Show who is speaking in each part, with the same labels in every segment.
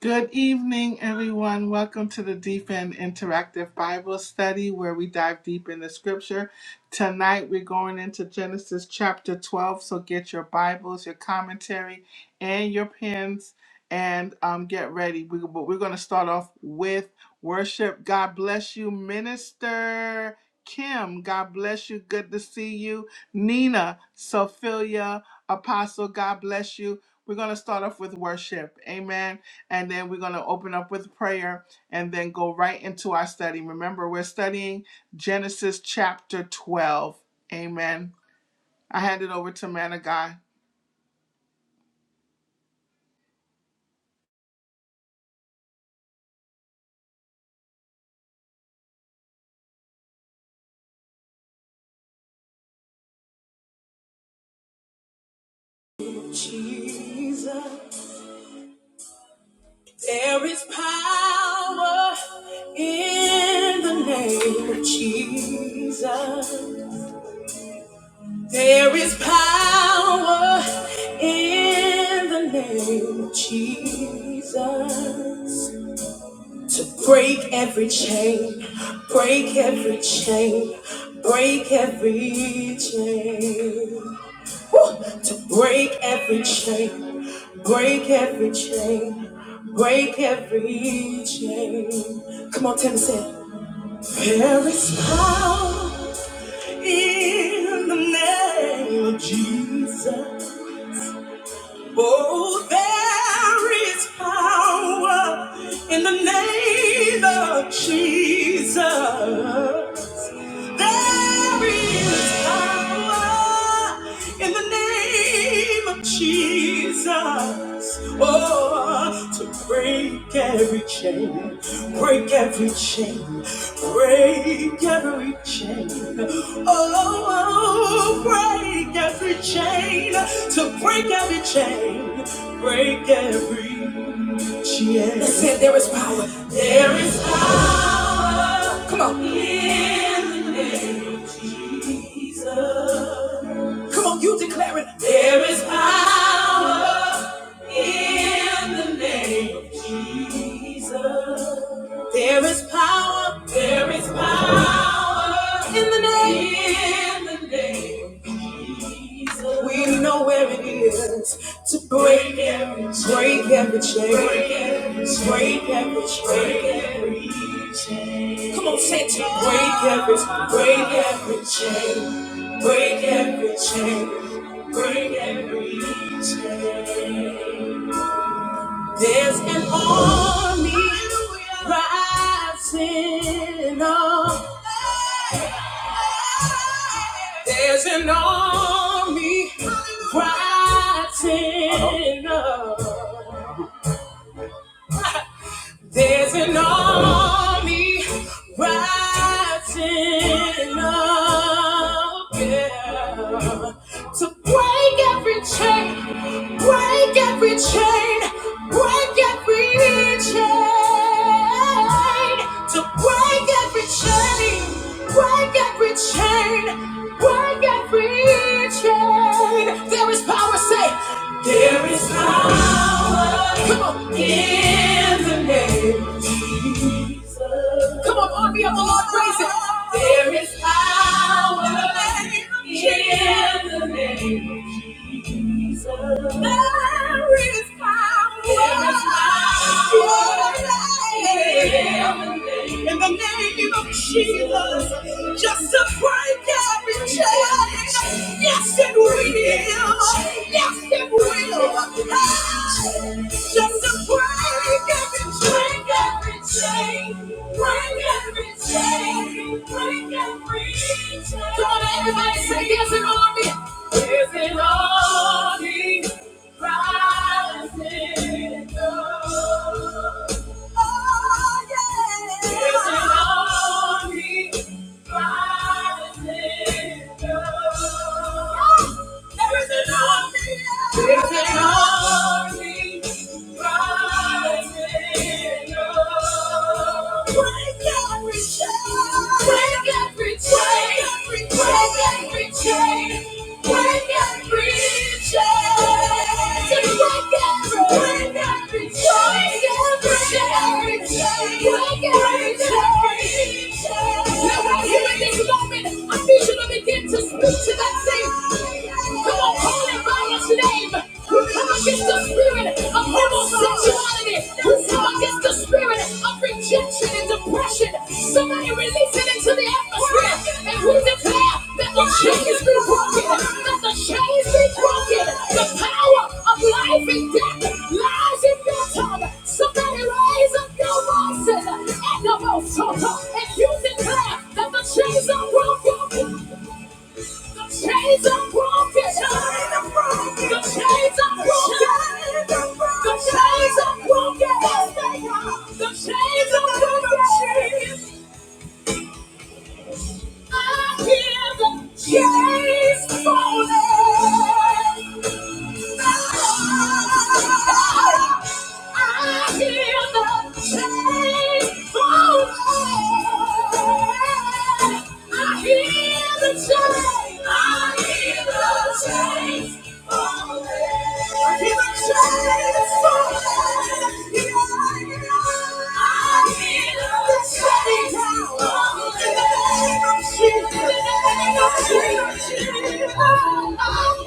Speaker 1: Good evening, everyone. Welcome to the Deep End Interactive Bible Study, where we dive deep into Scripture. Tonight, we're going into Genesis chapter 12. So get your Bibles, your commentary, and your pens, and um, get ready. We, but we're going to start off with worship. God bless you, Minister Kim. God bless you. Good to see you, Nina, Sophia, Apostle. God bless you. We're going to start off with worship. Amen and then we're going to open up with prayer and then go right into our study. Remember, we're studying Genesis chapter 12. Amen. I hand it over to man of God.
Speaker 2: Jesus, there is power in the name of Jesus. There is power in the name of Jesus to break every chain, break every chain, break every chain. to break every chain, break every chain, break every chain. Come on, Tim, say, it. there is power in the name of Jesus. Oh, there is power in the name of Jesus. There is power in the name of Jesus. Oh, to break every chain, break every chain, break every chain. Oh, break every chain, to break every chain, break every chain. They said there is power. There is power. Come on. Come on, you declare it. There is power. There is power. There is power. In the name. In the name. We know where it is to break every, break every chain. Break every chain. Break every Break every chain. Come on, say it to me. Break every, break every chain. Break every chain. Break every There's an army rising up. There's an army rising up. There's an army rising up. Yeah. To break every chain, break every chain, break every chain to break every chain, break every chain, break every chain. There is power, say, there is power. Come on, in the name. Come on, army of the Lord, praise it. There is power in the name. Jesus, There is power There is power. in the name of Jesus. Just to break every chain. Yes, it will. Yes, it will. Just to break every chain. Break every chain. Break every chain. Break every chain. Come on, everybody, say yes and all of it. There's an army rising up. Oh, yeah. There's an army rising up. There's an army. There's an army. Now, right here in this moment, I need you to begin to speak to that thing. Come on, call it it by its name. We come against the spirit of homosexuality. We come against the spirit of rejection and depression. Somebody release it into the atmosphere. And we declare that the chains be broken. That the chains be broken. The power of life and death lies in your tongue. Somebody raise up your voices and the most total, and you declare that the chains are broken. The chains are broken. The chains are broken. The chains are broken. The chains are broken. I hear the chains falling. I hear the chains fall. I hear the chains. I hear the chains. falling. I hear the chains falling. I hear the chains falling. Come on,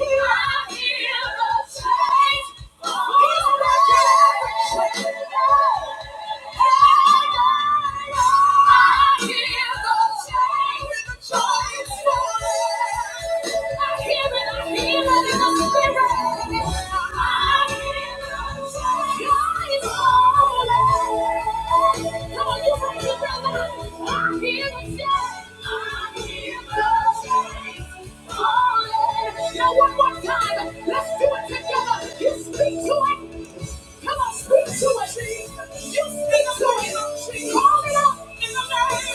Speaker 2: you bring your brother. Now one more time, let's do it together. You speak to it. Come on, speak to it. You speak to it. Call it up.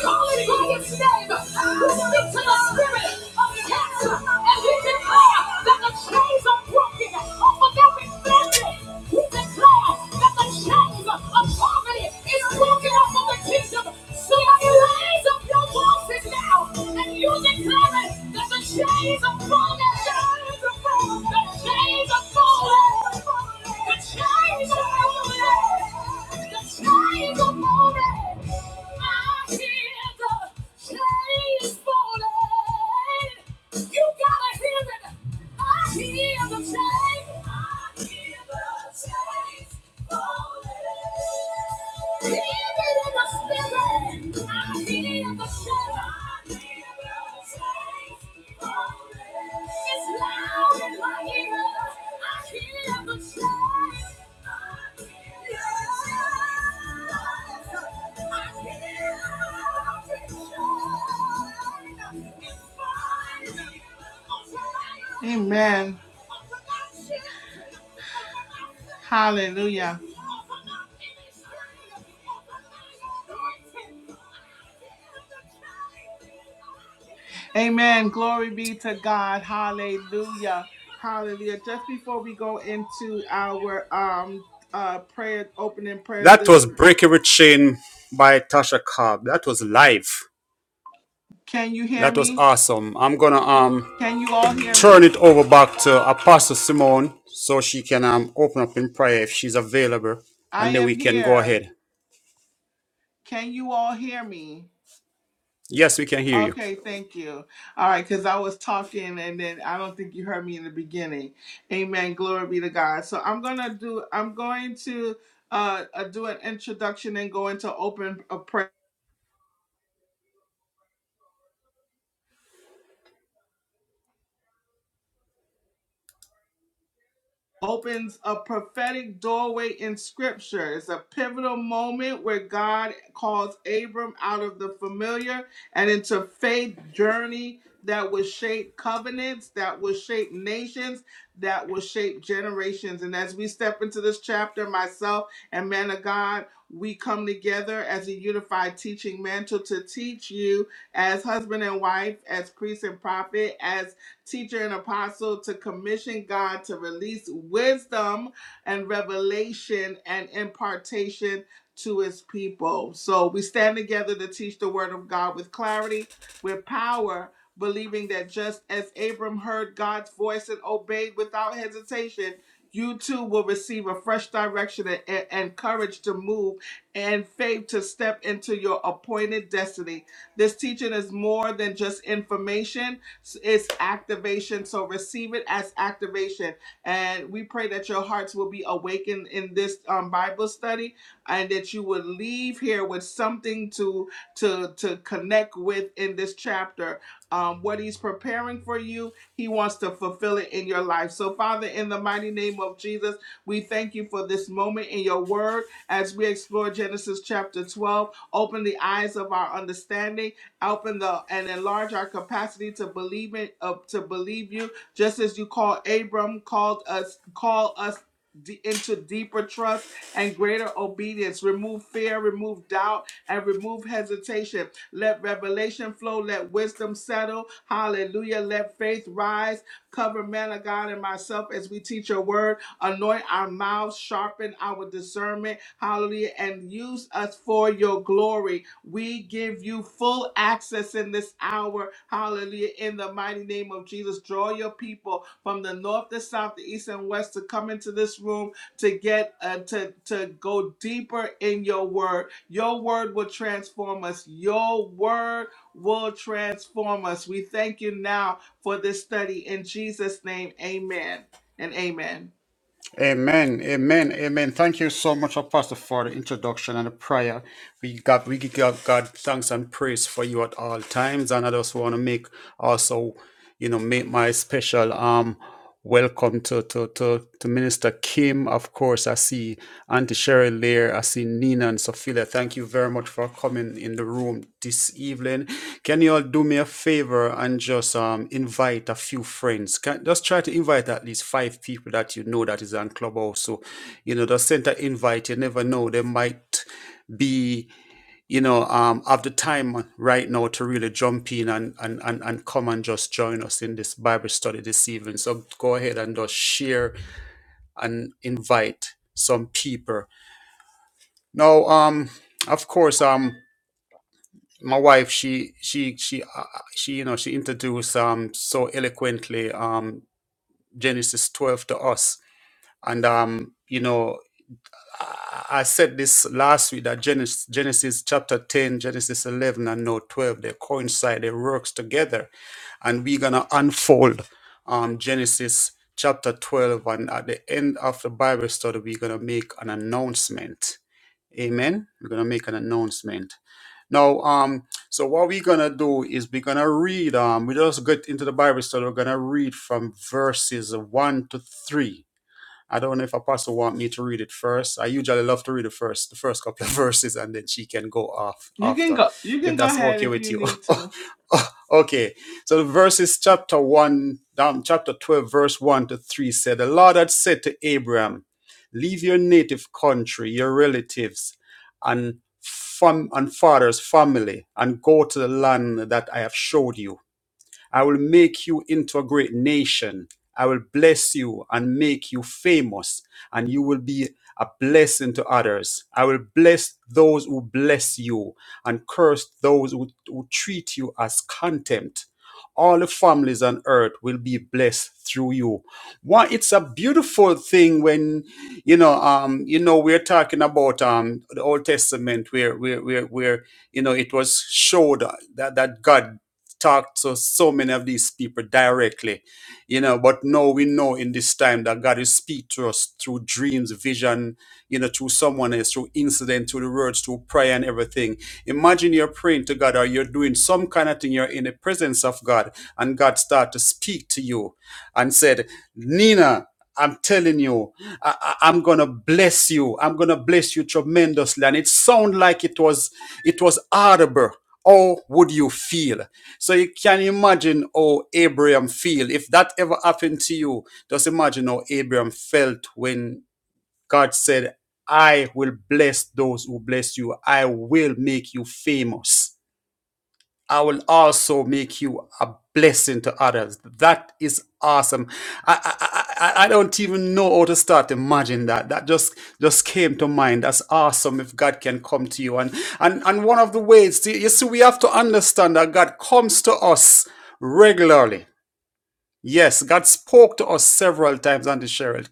Speaker 2: Call it by its name. We speak to the spirit of cancer and we declare that the chains are broken off of every family. We declare that the the chains of poverty is broken off the kingdom. Somebody raise up your voices now and you declare it that the chains of poverty, the chains of poverty, the chains of poverty, the chains of poverty. I hear the chains falling. You gotta hear it. I hear the chains. I hear the chains falling. Hear it in the spirit. I hear the chains. I hear the chains falling. It's loud in my ear. I hear the chains. I hear the chains. I hear the chains.
Speaker 1: Amen. Hallelujah. Amen. Glory be to God. Hallelujah. Hallelujah. Just before we go into our um uh prayer opening prayer
Speaker 2: That
Speaker 1: this
Speaker 2: was Break Every Chain by Tasha Cobb. That was live.
Speaker 1: can you hear
Speaker 2: That was
Speaker 1: me?
Speaker 2: awesome. I'm gonna um
Speaker 1: Can you all hear
Speaker 2: turn
Speaker 1: me?
Speaker 2: it over back to Apostle Simone so she can um open up in prayer if she's available,
Speaker 1: I
Speaker 2: and then
Speaker 1: am
Speaker 2: we can go
Speaker 1: here.
Speaker 2: ahead.
Speaker 1: Can you all hear me?
Speaker 2: Yes, we can hear you.
Speaker 1: Okay, thank you. All right, because I was talking and then I don't think you heard me in the beginning. Amen. Glory be to God. So I'm gonna do. I'm going to uh, uh do an introduction and go into open uh, prayer. opens a prophetic doorway in scripture. It's a pivotal moment where God calls Abram out of the familiar and into faith journey that will shape covenants, that will shape nations, that will shape generations. And as we step into this chapter, myself and man of God, we come together as a unified teaching mantle to teach you as husband and wife, as priest and prophet, as teacher, and apostle to commission God to release wisdom and revelation and impartation to his people. So we stand together to teach the word of God with clarity, with power, believing that just as Abram heard God's voice and obeyed without hesitation, you too will receive a fresh direction and, and courage to move and faith to step into your appointed destiny. This teaching is more than just information. It's activation. So receive it as activation. And we pray that your hearts will be awakened in this um, Bible study and that you will leave here with something to to to connect with in this chapter. Um, what he's preparing for you, he wants to fulfill it in your life. So, Father, in the mighty name of Jesus, we thank you for this moment in your word as we explore Genesis chapter 12. Open the eyes of our understanding Open the and enlarge our capacity to believe in uh, to believe you, just as you call Abram called us call us d- into deeper trust and greater obedience. Remove fear, remove doubt, and remove hesitation. Let revelation flow. Let wisdom settle. Hallelujah. Let faith rise. Cover man of God and myself as we teach your word. Anoint our mouths, sharpen our discernment. Hallelujah. And use us for your glory. We give you full access in this hour. Hallelujah. In the mighty name of Jesus, draw your people from the north, the south, the east, and west to come into this room to get uh, to to go deeper in your word. Your word will transform us. Your word will transform us. We thank you now for this study in Jesus name. Amen. And amen.
Speaker 2: Amen, amen, amen. Thank you so much, Pastor, for the introduction and the prayer. We got we give God God thanks and praise for you at all times, and I just want to make also, you know, make my special um welcome to to to, to Minister Kim. Of course, I see Auntie Cheryl Cheryl Lear. I see Nina and Sophia. Thank you very much for coming in the room this evening. Can you all do me a favor and just um, invite a few friends? Can, just try to invite at least five people that you know that is on Clubhouse. So, you know, just send an invite. You never know. They might be, you know, um, have the time right now to really jump in and, and, and, and come and just join us in this Bible study this evening. So go ahead and just share and invite some people no, um, of course, um, my wife, she, she, she, uh, she, you know, she introduced um so eloquently um Genesis 12 to us, and um, you know, I I said this last week that Genesis, Genesis chapter 10, Genesis 11, and no 12, they coincide, they works together, and we're gonna unfold um Genesis chapter 12, and at the end of the Bible study, we're gonna make an announcement. Amen. We're gonna make an announcement Now, um, so what we're gonna do is we're gonna read. Um, we just get into the Bible study. We're gonna read from verses one to three. I don't know if Apostle want me to read it first. I usually love to read it first, the first couple of verses, and then she can go off
Speaker 1: You can
Speaker 2: after,
Speaker 1: go. You
Speaker 2: if
Speaker 1: can go
Speaker 2: that's
Speaker 1: ahead
Speaker 2: okay
Speaker 1: if
Speaker 2: with
Speaker 1: you
Speaker 2: you.
Speaker 1: need to.
Speaker 2: okay. So the verses chapter one, down chapter twelve, verse one to three said, The Lord had said to Abraham, Leave your native country, your relatives, and fam- and father's family, and go to the land that I have showed you. I will make you into a great nation. I will bless you and make you famous, and you will be a blessing to others. I will bless those who bless you and curse those who, who treat you as contempt. All the families on earth will be blessed through you. One, it's a beautiful thing when you know, um, you know, we're talking about um the Old Testament where where where where you know it was showed that that God talk to so many of these people directly, you know. But now we know in this time that God is speak to us through dreams, vision, you know, through someone else, through incident, through the words, through prayer and everything. Imagine you're praying to God or you're doing some kind of thing, you're in the presence of God, and God start to speak to you and said, Nina, I'm telling you, I, I, am gonna bless you. I'm gonna bless you tremendously. And it sounded like it was it was audible. How would you feel? So you can imagine how Abraham feel. If that ever happened to you, just imagine how Abraham felt when God said, I will bless those who bless you. I will make you famous. I will also make you a blessing to others. That is awesome. I, I, I, I don't even know how to start Imagine that. That just just came to mind. That's awesome if God can come to you. And and, and one of the ways, you see, we have to understand that God comes to us regularly. Yes, God spoke to us several times, Auntie Cheryl.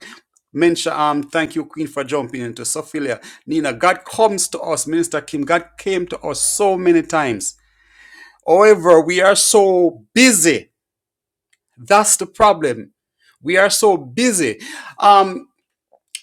Speaker 2: Mensha, um, thank you, Queen, for jumping into Sophilia. Nina, God comes to us, Minister Kim. God came to us so many times. However, we are so busy. That's the problem. We are so busy. Um,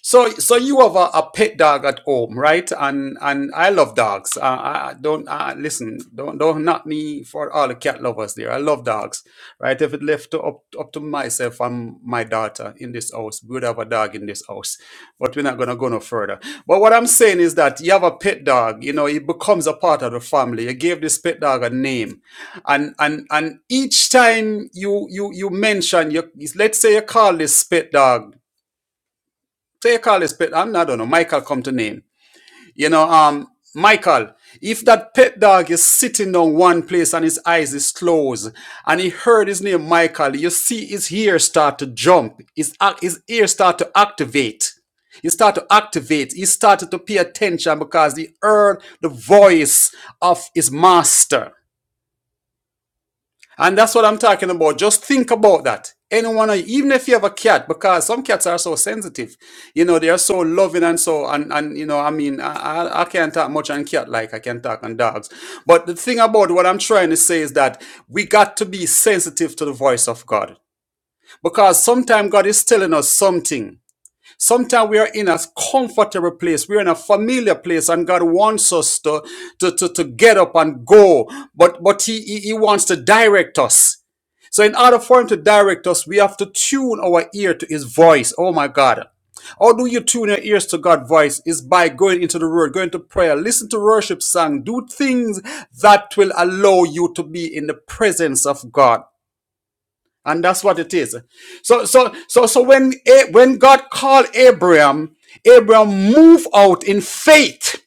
Speaker 2: so, so you have a, a pet dog at home, right? And and I love dogs. Uh, I I don't uh, listen. Don't don't knock me for all the cat lovers there. I love dogs, right? If it left to, up up to myself and my daughter in this house, we would have a dog in this house. But we're not gonna go no further. But what I'm saying is that you have a pet dog. You know, it becomes a part of the family. You gave this pet dog a name, and and and each time you you you mention your, let's say you call this pet dog. Take all this pet. I'm not, I don't know. Michael come to name. You know, um, Michael, if that pet dog is sitting on one place and his eyes is closed and he heard his name Michael, you see his ear start to jump. His, ac- his ear start to activate. He start to activate. He started to pay attention because he heard the voice of his master. And that's what I'm talking about. Just think about that. Anyone, even if you have a cat, because some cats are so sensitive, you know, they are so loving and so, and, and you know, I mean, I, I I can't talk much on cat like I can talk on dogs. But the thing about what I'm trying to say is that we got to be sensitive to the voice of God because sometimes God is telling us something. Sometimes we are in a comfortable place. We are in a familiar place, and God wants us to, to, to, to get up and go. But but he, he He wants to direct us. So, in order for him to direct us, we have to tune our ear to his voice. Oh my God. How do you tune your ears to God's voice? Is by going into the word, going to prayer, listen to worship song, do things that will allow you to be in the presence of God. And that's what it is. So, so, so, so when, when God called Abraham, Abraham moved out in faith.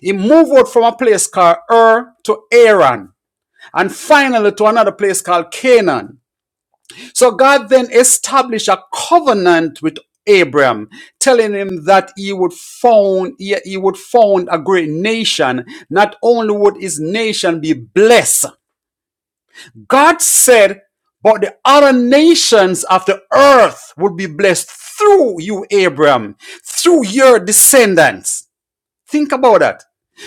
Speaker 2: He moved out from a place called Ur to Aran and finally to another place called Canaan. So God then established a covenant with Abraham, telling him that he would found he, he would found a great nation. Not only would his nation be blessed, God said, but the other nations of the earth would be blessed through you, Abraham, through your descendants. Think about that.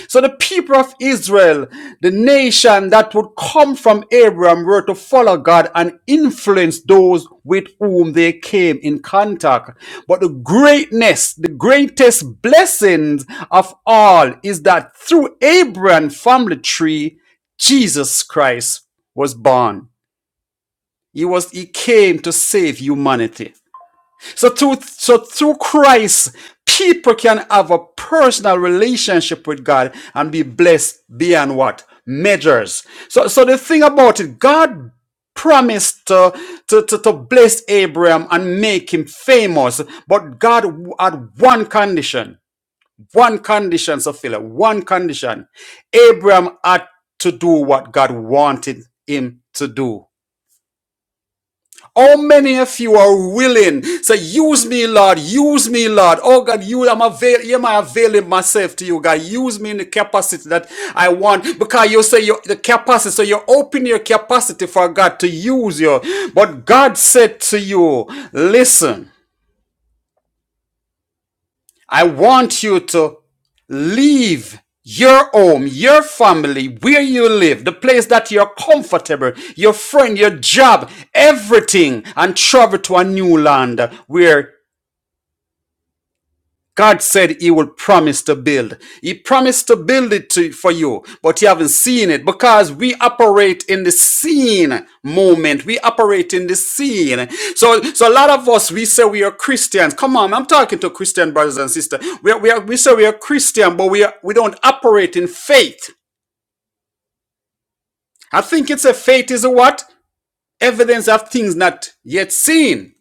Speaker 2: So the people of Israel, the nation that would come from Abraham, were to follow God and influence those with whom they came in contact. But the greatness, the greatest blessings of all is that through Abraham's family tree, Jesus Christ was born. He was, he came to save humanity. So through, so through Christ, people can have a personal relationship with God and be blessed beyond what? Measures. So, so the thing about it, God promised to, to, to, to bless Abraham and make him famous, but God had one condition, one condition, Sophia, one condition. Abraham had to do what God wanted him to do. How many of you are willing? Say, use me, Lord. Use me, Lord. Oh God, you I'm avail am I availing myself to you, God. Use me in the capacity that I want. Because you say your the capacity. So you open your capacity for God to use you. But God said to you, listen. I want you to leave your home, your family, where you live, the place that you're comfortable, your friend, your job, everything, and travel to a new land where God said he will promise to build. He promised to build it to, for you, but you haven't seen it because we operate in the seen moment. We operate in the seen. So, so a lot of us, we say we are Christians. Come on, I'm talking to Christian brothers and sisters. We, are, we, are, we say we are Christian, but we, are, we don't operate in faith. I think it's a faith is a what? Evidence of things not yet seen.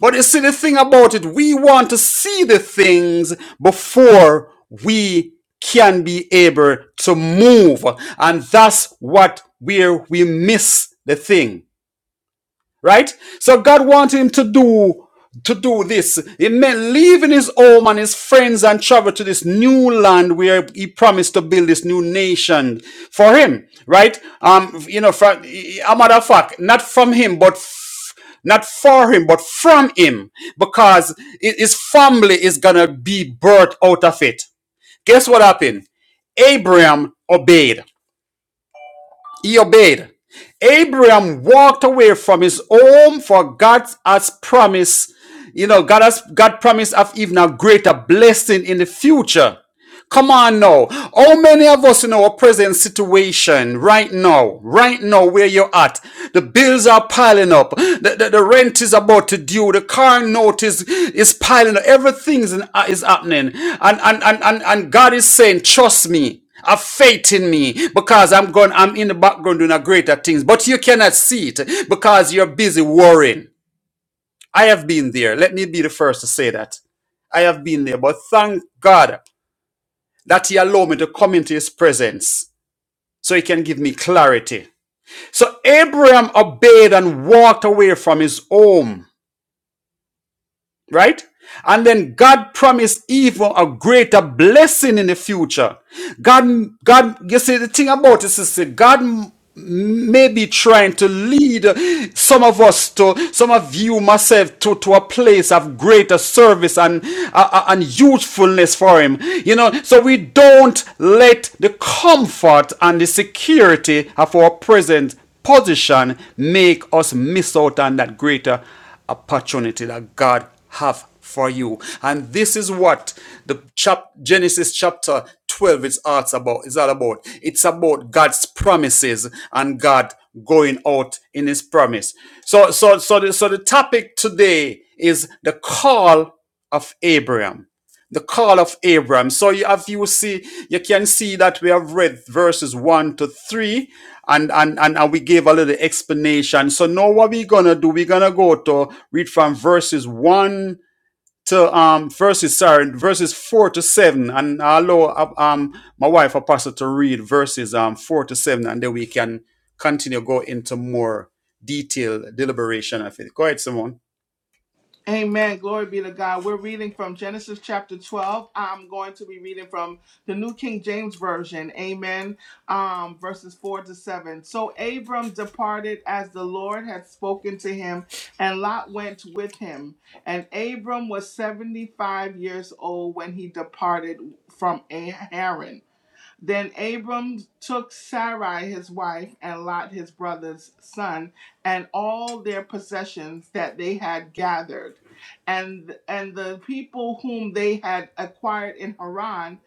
Speaker 2: But you see, the thing about it, we want to see the things before we can be able to move. And that's what where we miss the thing right? So God wanted him to do to do this. It meant leaving his home and his friends and travel to this new land where he promised to build this new nation for him, right? Um, you know, from a matter of fact, not from him, but f- not for him, but from him, because i- his family is gonna be birthed out of it. Guess what happened? Abraham obeyed. He obeyed. Abraham walked away from his home for God has promised, you know, God has God promised of even a greater blessing in the future. Come on now. How many of us in our present situation right now, right now where you're at, the bills are piling up, the, the, the rent is about to due, the car note is, is piling up, everything is, is happening. And, and, and, and, and God is saying, trust me. Have faith in me because I'm going, I'm in the background doing a greater things, but you cannot see it because you're busy worrying. I have been there. Let me be the first to say that. I have been there, but thank God that he allow me to come into his presence so he can give me clarity. So Abraham obeyed and walked away from his home right? And then God promised even a greater blessing in the future. God, God, you see, the thing about this is that God m- may be trying to lead some of us to, some of you, myself, to, to a place of greater service and, uh, uh, and usefulness for Him. You know, so we don't let the comfort and the security of our present position make us miss out on that greater opportunity that God have for you. And this is what the chap Genesis chapter 12 is arts about is all about. It's about God's promises and God going out in his promise. So so so the, so the topic today is the call of Abraham. The call of Abraham. So you have you see, you can see that we have read verses one to three, and and and, and we gave a little explanation. So now what we're gonna do, we're gonna go to read from verses one to um verses sorry, verses four to seven. And I'll allow uh, um my wife apostle to read verses um four to seven, and then we can continue go into more detailed deliberation of it. Go ahead, Simone.
Speaker 1: Amen. Glory be to God. We're reading from Genesis chapter 12. I'm going to be reading from the New King James Version. Amen. Um, verses 4 to 7. So Abram departed as the Lord had spoken to him, and Lot went with him. And Abram was 75 years old when he departed from Haran. Then Abram took Sarai his wife and Lot his brother's son and all their possessions that they had gathered and and the people whom they had acquired in Haran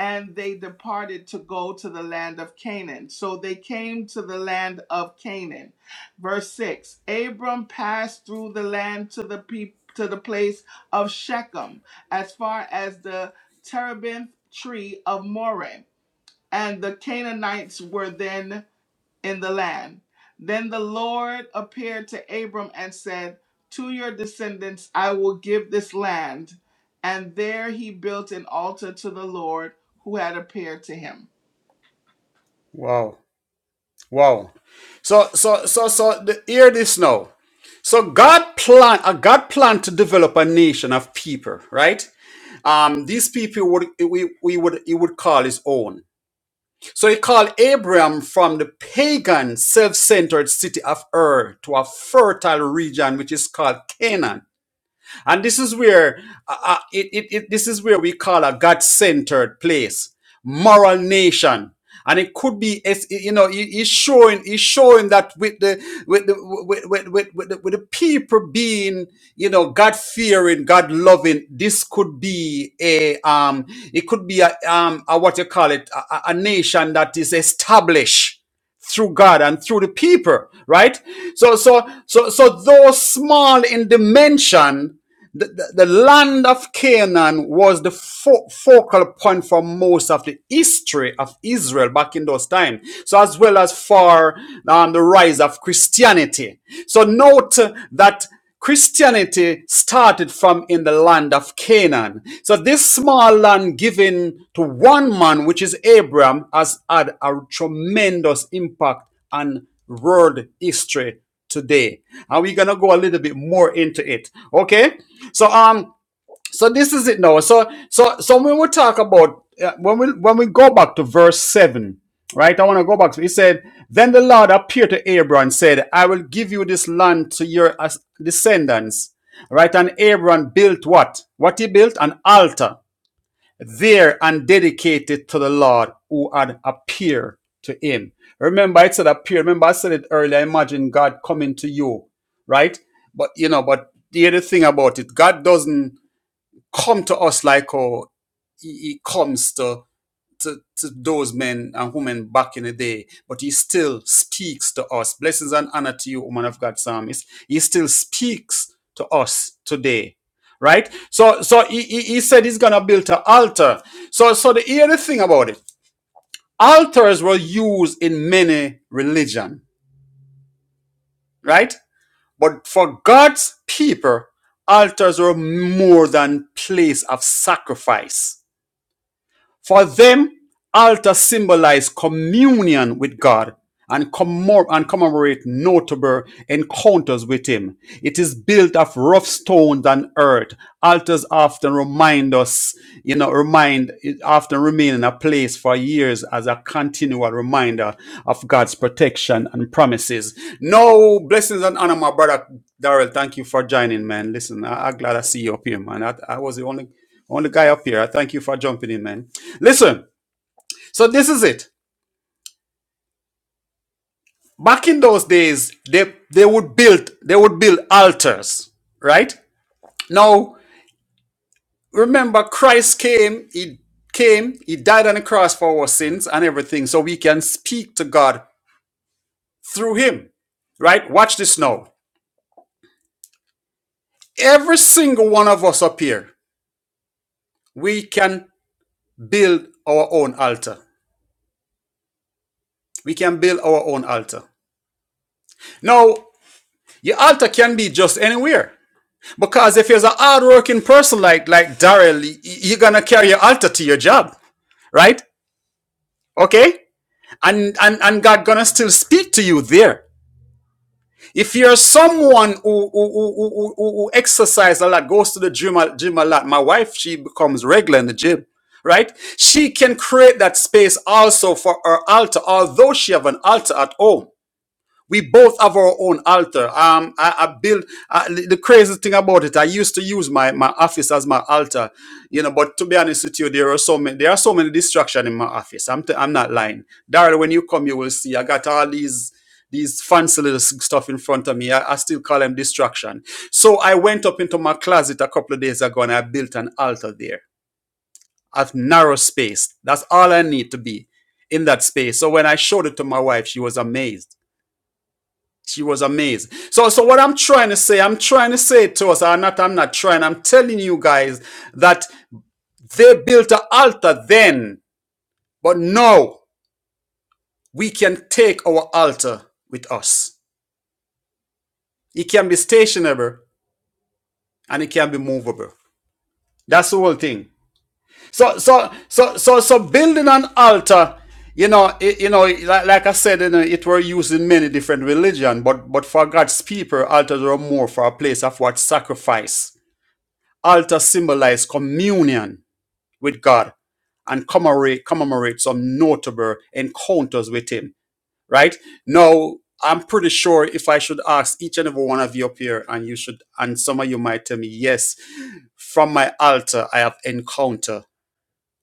Speaker 1: and they departed to go to the land of Canaan. So they came to the land of Canaan. Verse 6. Abram passed through the land to the people to the place of Shechem as far as the terebinth tree of Moreh and the Canaanites were then in the land. Then the Lord appeared to Abram and said, To your descendants I will give this land. And there he built an altar to the Lord who had appeared to him.
Speaker 2: Wow. Wow. So so so so the, hear this now. So God plan uh, God plan to develop a nation of people, right? Um, these people would we, we would he would call his own. So he called Abraham from the pagan, self-centered city of Ur to a fertile region which is called Canaan. And this is where uh, uh, it, it, it, this is where we call a God-centered place, moral nation. And it could be, it's- you know, he- he's showing, he's showing that with the, with the, with, with, with, with the, with the people being, you know, God fearing, God loving, this could be a, um, it could be a, um, a what you call it, a, a a nation that is established through God and through the people, right? So, so, so, so though small in dimension, the, the, the land of Canaan was the fo- focal point for most of the history of Israel back in those times. So, as well as for um, the rise of Christianity. So, note that. Christianity started from in the land of Canaan. So this small land given to one man, which is Abraham, has had a tremendous impact on world history today. And we're gonna go a little bit more into it. Okay. So um so this is it now. So so so when we talk about uh, when we when we go back to verse seven, right? I want to go back to. He said, "Then the Lord appeared to Abram and said, I will give you this land to your as- descendants." Right, and Abram built what? What he built? An altar there and dedicated to the Lord who had appeared to him. Remember, it said appear. Remember, I said it earlier. Imagine God coming to you, right? But you know, but the other thing about it, God doesn't come to us like oh, he, he comes to, to, to those men and women back in the day, but he still speaks to us. Blessings and honor to you, woman of God, psalmist. He still speaks to us today. Right, so so he, he, he said he's gonna build an altar. So so the here the thing about it, altars were used in many religion, right? But for God's people, altars were more than place of sacrifice For them, altars symbolize communion with God and, commor- and commemorate notable encounters with Him. It is built of rough stones and earth. Altars often remind us, you know, remind, it often remain in a place for years as a continual reminder of God's protection and promises. No blessings and honor, my brother Daryl. Thank you for joining, man. Listen, I- I'm glad I see you up here, man. I, I was the only. Only guy up here. I thank you for jumping in, man. Listen, so this is it. Back in those days, they they would build they would build altars, right? Now remember, Christ came. He came. He died on the cross for our sins and everything, so we can speak to God through Him, right? Watch this now. Every single one of us up here, we can build our own altar. We can build our own altar. Now, your altar can be just anywhere Because if you're a hardworking person like like Daryl, you're gonna carry your altar to your job, right? Okay, and and and God gonna still speak to you there. If you're someone who who who, who, who who exercise a lot, goes to the gym a, gym a lot, my wife she becomes regular in the gym, right? She can create that space also for her altar, although she have an altar at home we both have our own altar. Um, I, I built uh, the the craziest thing about it. I used to use my, my office as my altar, you know. But to be honest with you, there are so many there are so many distractions in my office. I'm t- I'm not lying, Daryl. When you come, you will see. I got all these these fancy little s- stuff in front of me. I, I still call them distraction. So I went up into my closet a couple of days ago and I built an altar there. I've narrow space. That's all I need to be in that space. So when I showed it to my wife, she was amazed she was amazed. So, so what I'm trying to say, I'm trying to say to us, I'm not, I'm not trying, I'm telling you guys that they built an altar then, but now we can take our altar with us. It can be stationable and it can be movable. That's the whole thing. So, so, so, so, so building an altar, you know, it, you know, like, like I said, you know, it were used in many different religion, but, but for God's people, altars were more for a place of what sacrifice Altar symbolizes communion with God and commemorate, commemorate some notable encounters with Him, right? Now, I'm pretty sure if I should ask each and every one of you up here, and you should, and some of you might tell me, yes, from my altar, I have encountered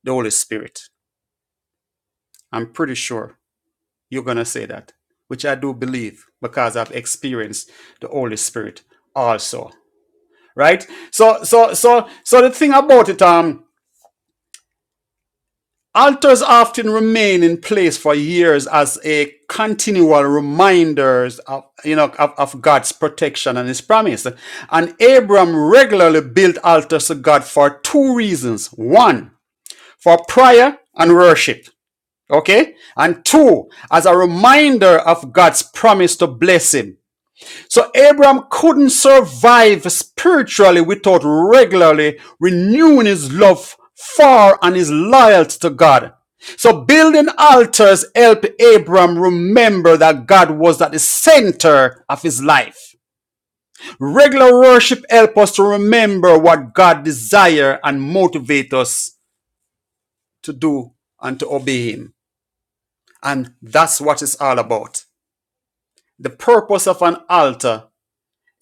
Speaker 2: the Holy Spirit. I'm pretty sure you're going to say that, which I do believe because I've experienced the Holy Spirit also, right? So, so, so, so the thing about it, um. Altars often remain in place for years as a continual reminders of, you know, of, of God's protection and his promise. And Abram regularly built altars to God for two reasons. One, for prayer and worship. Okay. And two, as a reminder of God's promise to bless him. So Abraham couldn't survive spiritually without regularly renewing his love for and his loyalty to God. So building altars helped Abraham remember that God was at the center of his life. Regular worship helps us to remember what God desires and motivates us to do and to obey him. And that's what it's all about. The purpose of an altar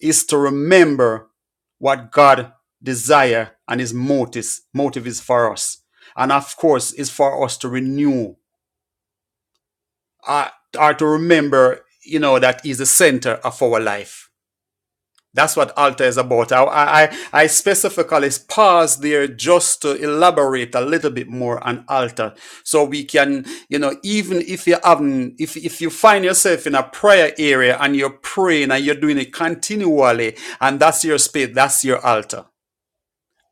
Speaker 2: is to remember what God desire and his motives motive is for us. And of course, is for us to renew uh, or to remember, you know, that is the center of our life that's what altar is about. I, I, I specifically pause there just to elaborate a little bit more on altar. So we can, you know, even if you haven't, if, if you find yourself in a prayer area and you're praying and you're doing it continually and that's your space, that's your altar.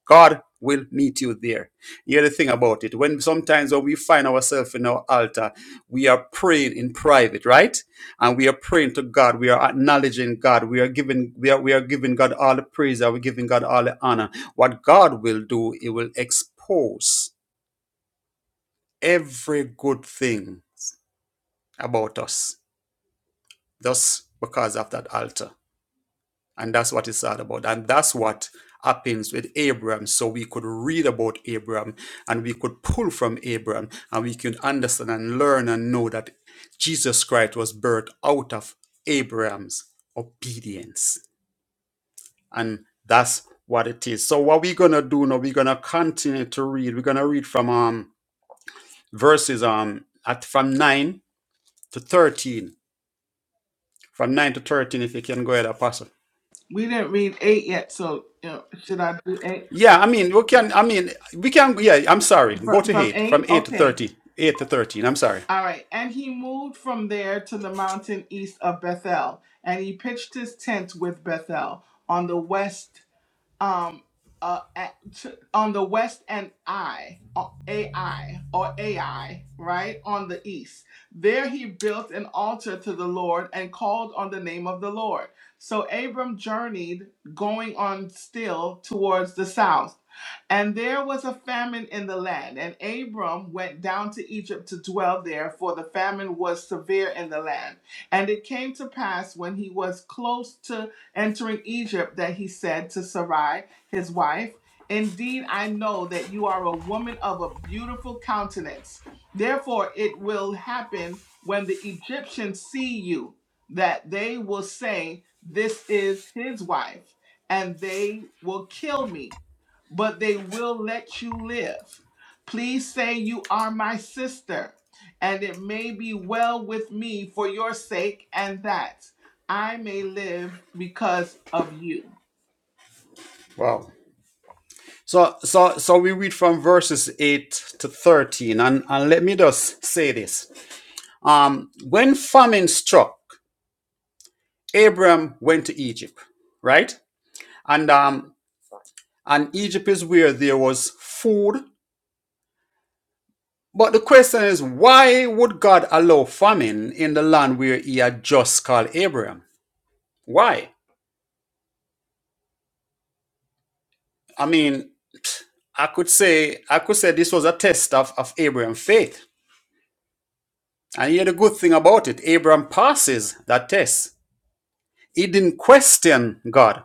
Speaker 2: God will meet you there. The other thing about it, when sometimes when we find ourselves in our altar, we are praying in private, right? And we are praying to God. We are acknowledging God. We are giving we are we are giving God all the praise. Are we giving God all the honor? What God will do, He will expose every good thing about us, thus because of that altar. And that's what is sad about. And that's what happens with Abraham. So we could read about Abraham and we could pull from Abraham and we could understand and learn and know that Jesus Christ was birthed out of Abraham's obedience. And that's what it is. So what we're gonna do now, we're gonna continue to read. We're gonna read from um verses um at from nine to thirteen. From nine to thirteen, if you can go ahead, Apostle.
Speaker 1: We didn't read eight yet, so you know, should I do eight?
Speaker 2: Yeah, I mean, we can. I mean, we can. Yeah, I'm sorry. Go
Speaker 1: From,
Speaker 2: to
Speaker 1: from
Speaker 2: eight from
Speaker 1: eight?
Speaker 2: eight to
Speaker 1: Okay.
Speaker 2: thirty, eight to thirteen. I'm sorry.
Speaker 1: All right. And he moved from there to the mountain east of Bethel, and he pitched his tent with Bethel on the west um uh at, to, on the west and I or AI or AI right on the east. There he built an altar to the Lord and called on the name of the Lord. So Abram journeyed going on still towards the south. And there was a famine in the land, and Abram went down to Egypt to dwell there, for the famine was severe in the land. And it came to pass when he was close to entering Egypt that he said to Sarai, his wife, Indeed, I know that you are a woman of a beautiful countenance. Therefore, it will happen when the Egyptians see you that they will say, 'This is his wife, and they will kill me, but they will let you live. Please say, You are my sister, and it may be well with me for your sake and that. I may live because of you.
Speaker 2: Wow. So, so, so we read from verses eight to thirteen, and and let me just say this. Um, when famine struck, Abram went to Egypt, right? And um, and Egypt is where there was food. But the question is, why would God allow famine in the land where He had just called Abram? Why? I mean, I could say I could say this was a test of, of Abraham's faith. And here the good thing about it, Abraham passes that test. He didn't question God.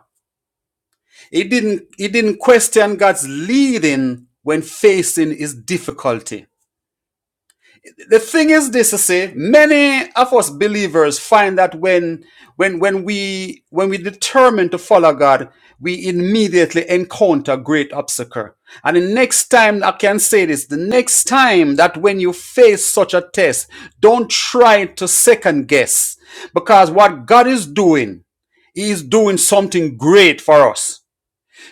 Speaker 2: He didn't he didn't question God's leading when facing his difficulty. the thing is this to say many of us believers find that when when when we when we determine to follow god we immediately encounter great obstacle and the next time i can say this the next time that when you face such a test don't try to second guess because what god is doing he is doing something great for us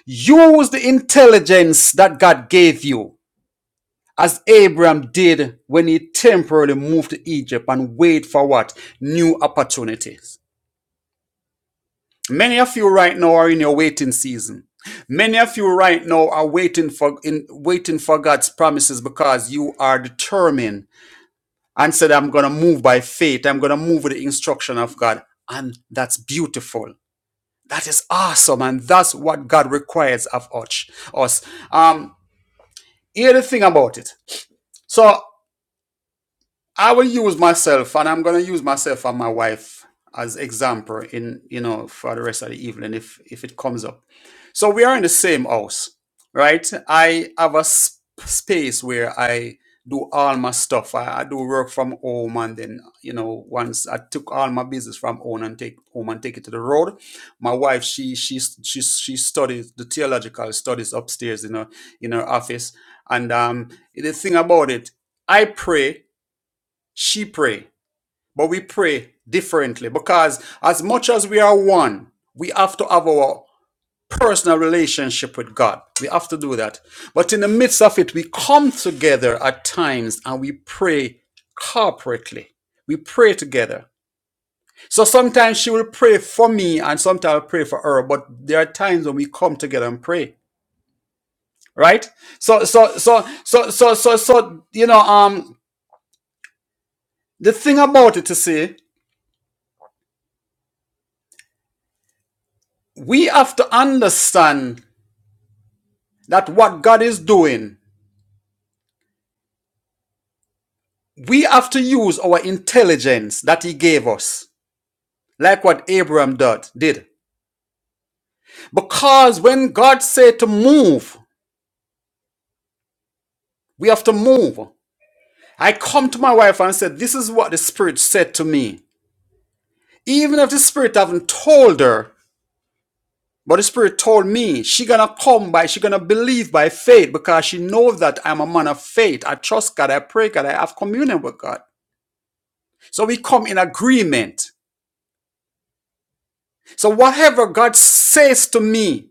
Speaker 2: use the intelligence that god gave you as Abraham did when he temporarily moved to Egypt and waited for what? New opportunities. Many of you right now are in your waiting season. Many of you right now are waiting for in waiting for God's promises because you are determined and said, I'm gonna move by faith, I'm gonna move with the instruction of God. And that's beautiful. That is awesome, and that's what God requires of us. Us. Um, hear the thing about it. So I will use myself, and I'm gonna use myself and my wife as example in you know for the rest of the evening if if it comes up. So we are in the same house, right? I have a sp- space where I do all my stuff. I, I do work from home, and then you know once I took all my business from home and take home and take it to the road. My wife, she she she she studies the theological studies upstairs in her in her office, and um the thing about it, I pray she pray but we pray differently because as much as we are one we have to have our personal relationship with god we have to do that but in the midst of it we come together at times and we pray corporately we pray together so sometimes she will pray for me and sometimes i'll pray for her but there are times when we come together and pray right so so so so so so so you know um the thing about it to say we have to understand that what God is doing, we have to use our intelligence that He gave us, like what Abraham did. Because when God said to move, we have to move. I come to my wife and said, This is what the Spirit said to me. Even if the Spirit haven't told her, but the Spirit told me, she gonna come by, she gonna believe by faith because she knows that I'm a man of faith. I trust God, I pray God, I have communion with God. So we come in agreement. So whatever God says to me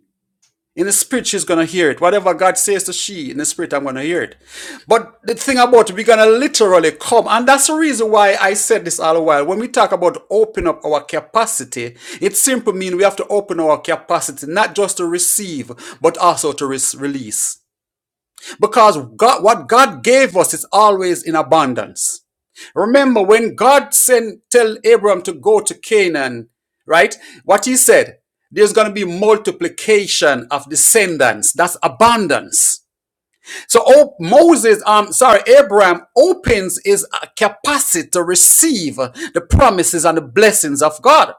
Speaker 2: in the spirit, she's gonna hear it. Whatever God says to she in the spirit, I'm gonna hear it. But the thing about it, we're gonna literally come, and that's the reason why I said this all a while. When we talk about open up our capacity, it simply means we have to open our capacity not just to receive, but also to re- release. Because God, what God gave us is always in abundance. Remember, when God sent tell Abraham to go to Canaan, right? What he said, there's going to be multiplication of descendants. That's abundance. So oh, Moses, um, sorry, Abraham opens his uh, capacity to receive the promises and the blessings of God.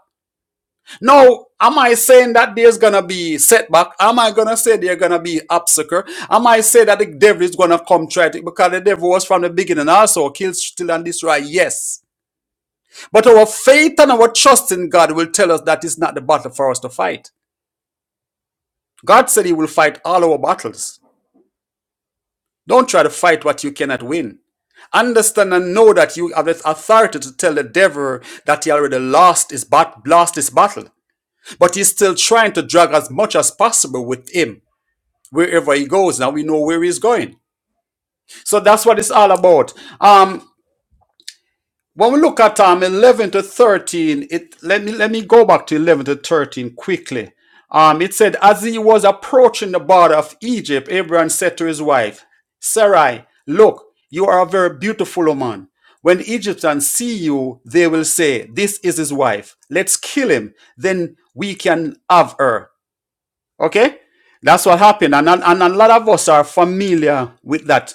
Speaker 2: Now, am I saying that there's gonna be setback? Am I gonna say there's gonna be obstacle? Am I say that the devil is gonna come try to because the devil was from the beginning also kill, steal, and destroy? Yes. But our faith and our trust in God will tell us that is not the battle for us to fight. God said He will fight all our battles. Don't try to fight what you cannot win. Understand and know that you have the authority to tell the devil that he already lost his, bat- lost his battle. But he's still trying to drag as much as possible with him wherever he goes. Now we know where he's going. So that's what it's all about. Um. When we look at um, 11 to 13, it let me let me go back to 11 to 13 quickly. Um, it said, as he was approaching the border of Egypt, Abraham said to his wife, Sarai, look, you are a very beautiful woman. When the Egyptians see you, they will say, This is his wife. Let's kill him. Then we can have her. Okay? That's what happened. And, and, and a lot of us are familiar with that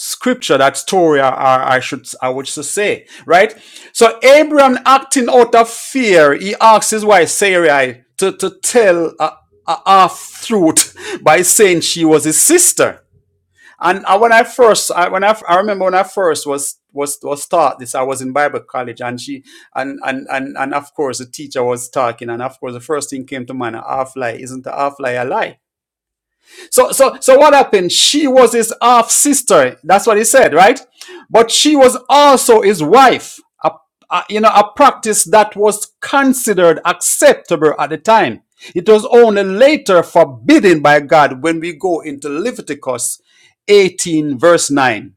Speaker 2: scripture, that story, I, I should, I would say, right? So Abraham acting out of fear, he asks his wife Sarai to, to tell a, a half truth by saying she was his sister. And I, when I first, I, when I, I remember when I first was was was taught this, I was in Bible college, and she, and and and and of course the teacher was talking, and of course the first thing came to mind: a half lie isn't a half lie a lie? So, so, so what happened? She was his half sister. That's what he said, right? But she was also his wife. A, a- you know, a practice that was considered acceptable at the time. It was only later forbidden by God when we go into Leviticus 18, verse 9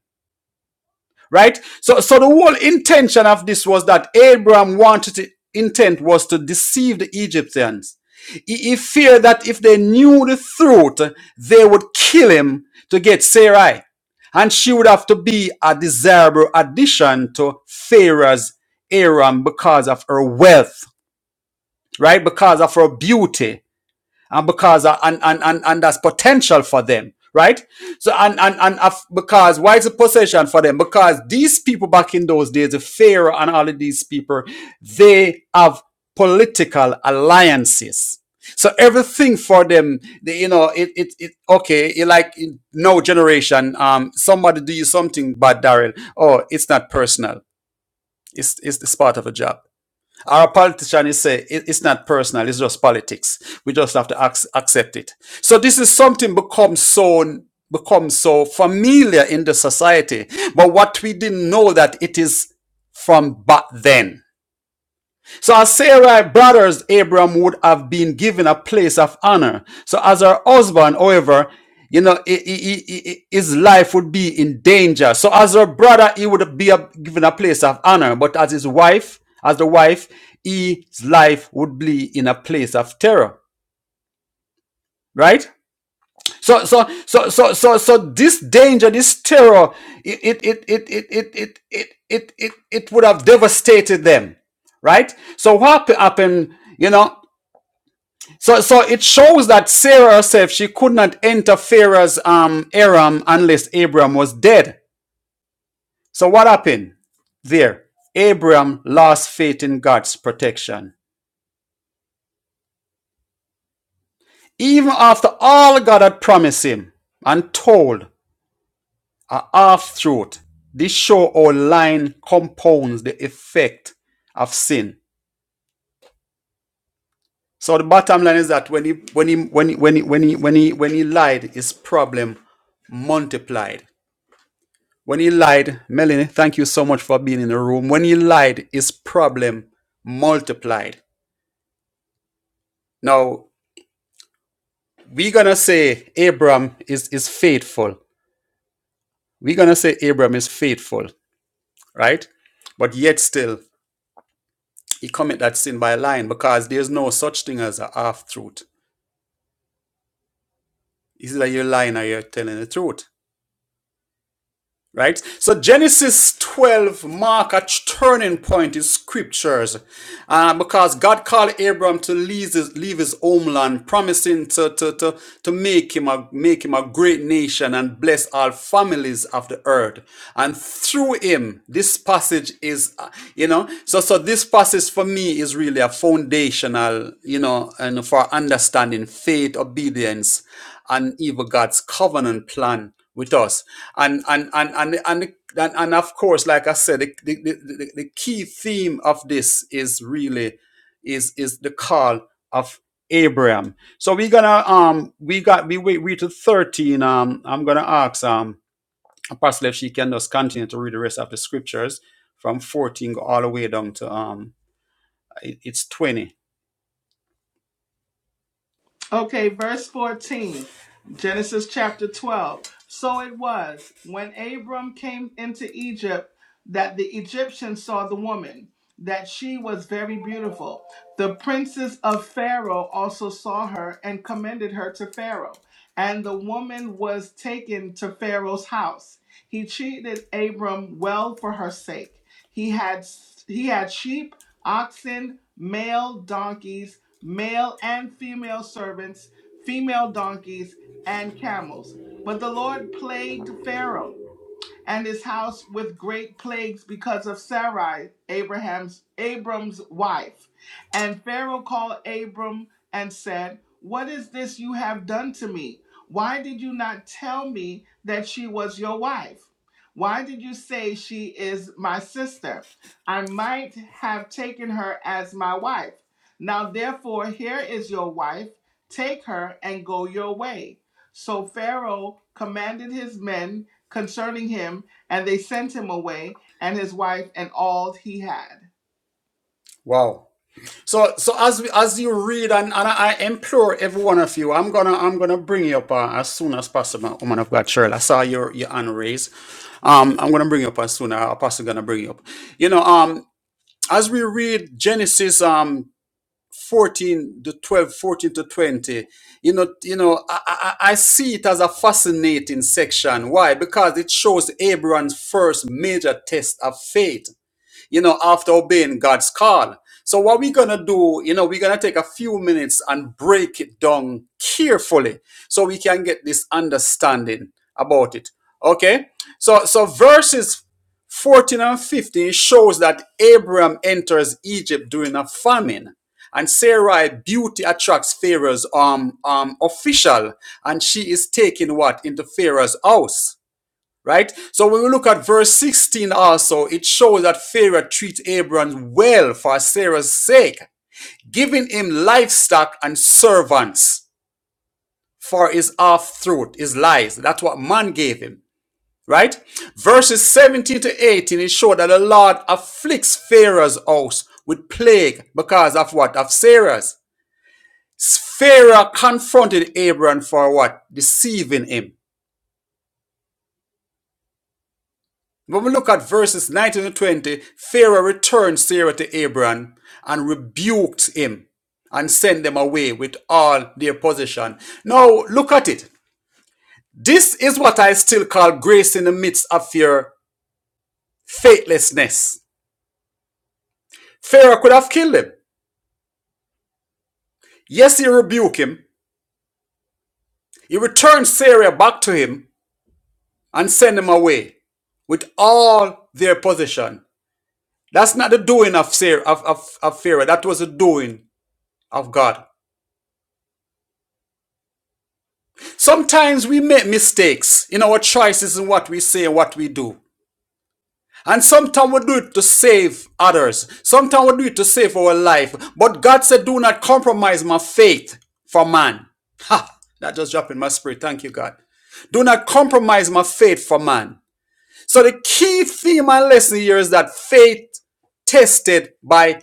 Speaker 2: right so so the whole intention of this was that abraham wanted to intent was to deceive the egyptians he, he feared that if they knew the truth they would kill him to get sarai and she would have to be a desirable addition to pharaoh's aram because of her wealth right because of her beauty and because uh, and, and and and that's potential for them right so and and and because why is it possession for them because these people back in those days the pharaoh and all of these people they have political alliances so everything for them they, you know it it, it okay you like in no generation um somebody do you something bad daryl oh it's not personal it's it's, it's part of a job our politicians say it's not personal, it's just politics. We just have to ac- accept it. So this is something become so become so familiar in the society, but what we didn't know that it is from back then. So as Sarai brothers, Abram would have been given a place of honor. So as her husband, however, you know, i- i- i- i- his life would be in danger. So as her brother, he would be a- given a place of honor. But as his wife, as the wife, his life would be in a place of terror. Right? So, so, so, so, so, so this danger, this terror, it, it, it, it, it, it, it, it, it, it it would have devastated them right? So what happened, you know? So, so it shows that Sarah herself she could not enter Pharaoh's um Aram unless Abraham was dead. So what happened there? Abraham lost faith in God's protection, even after all God had promised him and told a half truth. This show or line compounds the effect of sin. So the bottom line is that when he when he when he when he when he when he, when he lied, his problem multiplied. When he lied, Melanie, thank you so much for being in the room. When he lied, his problem multiplied. Now, we're going to say Abram is, is faithful. We're going to say Abram is faithful, right? But yet still, he commit that sin by lying because there's no such thing as a half-truth. It's either you're lying or you're telling the truth. Right? So Genesis 12 mark a turning point in scriptures uh, because God called Abram to leave his, leave his homeland, promising to, to, to, to make, him a, make him a great nation and bless all families of the earth. And through him, this passage is, uh, you know, so, so this passage for me is really a foundational, you know, and for understanding faith, obedience, and even God's covenant plan with us and and and and and, and, and of course like i said the, the, the, the key theme of this is really is is the call of abraham so we're gonna um we got we wait we to 13 um i'm gonna ask um apostle if she can just continue to read the rest of the scriptures from 14 all the way down to um it- it's 20
Speaker 1: Okay, verse 14, Genesis chapter 12. So it was when Abram came into Egypt that the Egyptians saw the woman, that she was very beautiful. The princes of Pharaoh also saw her and commended her to Pharaoh. And the woman was taken to Pharaoh's house. He treated Abram well for her sake. He had he had sheep, oxen, male donkeys, male and female servants, female donkeys, and camels. But the Lord plagued Pharaoh and his house with great plagues because of Sarai, Abraham's Abram's wife. And Pharaoh called Abram and said, "What is this you have done to me? Why did you not tell me that she was your wife? Why did you say she is my sister? I might have taken her as my wife. Now therefore here is your wife. Take her and go your way." So Pharaoh commanded his men concerning him, and they sent him away and his wife and all he had.
Speaker 2: wow So, so as we, as you read, and, and I implore every one of you, I'm gonna I'm gonna bring you up uh, as soon as possible, woman of God, Cheryl. I saw your your hand raised. Um, I'm gonna bring you up as soon. Our Apostle gonna bring you up. You know, um, as we read Genesis um 14 to 12, 14 to 20, you know, you know, I, I I see it as a fascinating section. Why? Because it shows Abraham's first major test of faith you know, after obeying God's call. So what we're going to do, you know, we're going to take a few minutes and break it down carefully so we can get this understanding about it. Okay? So so verses 14 and 15 shows that Abraham enters Egypt during a famine. And Sarai beauty attracts Pharaoh's um, um official, and she is taken what into Pharaoh's house. Right? So when we look at verse 16 also, it shows that Pharaoh treats Abram well for Sarah's sake, giving him livestock and servants for his half truth, his lies. That's what man gave him. Right? Verses 17 to 18, it showed that the Lord afflicts Pharaoh's house with plague because of what? Of Sarah's. Pharaoh confronted Abram for what? Deceiving him When we look at verses 19 to 20, Pharaoh returned Sarah to Abram and rebuked him and sent them away with all their possession. Now, look at it. This is what I still call grace in the midst of your faithlessness. Pharaoh could have killed him. Yes, he rebuked him. He returned Sarah back to him and sent him away with all their possession. That's not the doing of Sarah, of, of, of Pharaoh. That was the doing of God. Sometimes we make mistakes in our choices in what we say and what we do. And sometimes we do it to save others. Sometimes we do it to save our life. But God said, do not compromise my faith for man. Ha! That just dropped in my spirit. Thank you, God. Do not compromise my faith for man. So the key theme and lesson here is that faith tested by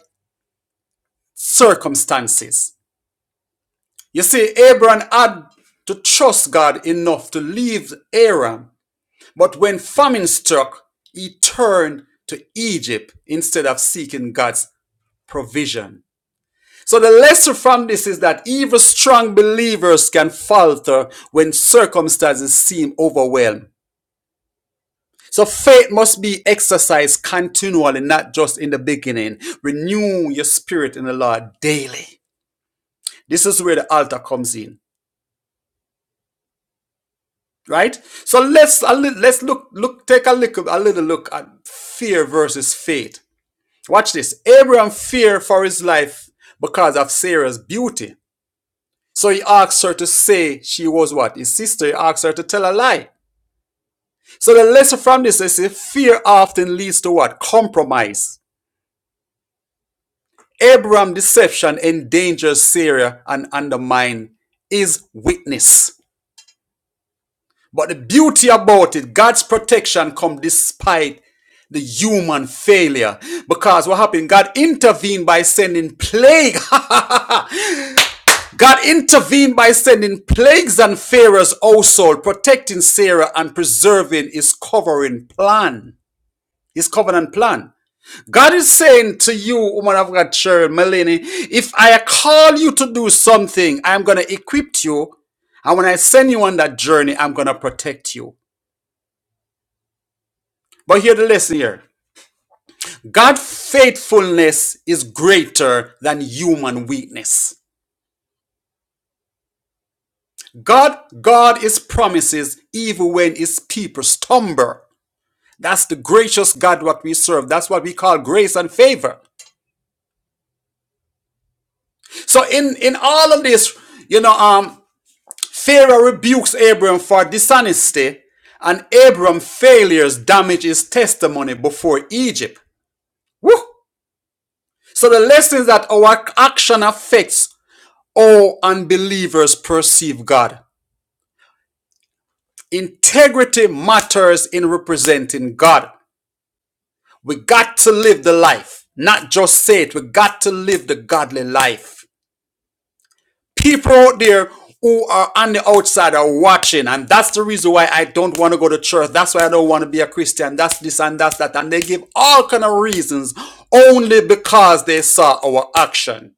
Speaker 2: circumstances. You see, Abraham had to trust God enough to leave Aram But when famine struck, he turned to Egypt instead of seeking God's provision. So the lesson from this is that even strong believers can falter when circumstances seem overwhelming. So faith must be exercised continually, not just in the beginning. Renew your spirit in the Lord daily. This is where the altar comes in, right? So let's let's look look take a look a little look at fear versus faith. Watch this. Abraham feared for his life because of Sarah's beauty. So he asked her to say she was what? His sister. He asked her to tell a lie. So the lesson from this is that fear often leads to what? Compromise. Abraham's deception endangers Sarah and undermines his witness. But the beauty about it, God's protection comes despite the human failure. Because what happened? God intervened by sending plague God intervened by sending plagues on Pharaoh's household, protecting Sarah and preserving his covering plan, his covenant plan. God is saying to you, woman of God, Cheryl, Melanie, if I call you to do something, I'm going to equip you. And when I send you on that journey, I'm going to protect you. But hear the lesson here. God's faithfulness is greater than human weakness. God, God is promises even when his people stumble. That's the gracious God what we serve. That's what we call grace and favor. So in in all of this, you know, um, Pharaoh rebukes Abram for dishonesty, and Abram failures damage his testimony before Egypt. Woo! So the lesson is that our action affects all unbelievers perceive God. Integrity matters in representing God. We got to live the life, not just say it. We got to live the godly life. people out there who are on the outside are watching and that's the reason why i don't want to go to church that's why i don't want to be a christian that's this and that's that and they give all kind of reasons only because they saw our action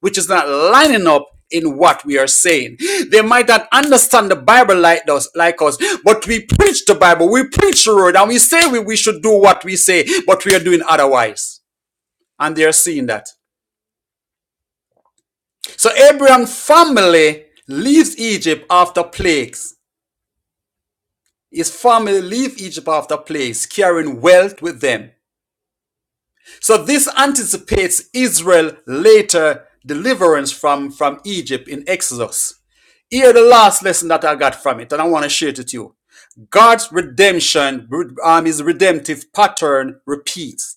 Speaker 2: which is not lining up in what we are saying they might not understand the bible like us like us but we preach the bible we preach the word and we say we, we should do what we say but we are doing otherwise and they are seeing that So Abraham's family leaves Egypt after plagues. His family leave Egypt after plagues, carrying wealth with them. So this anticipates Israel later deliverance from, from Egypt in Exodus. Here the last lesson that I got from it, and I want to share it with you. God's redemption, um, his redemptive pattern repeats.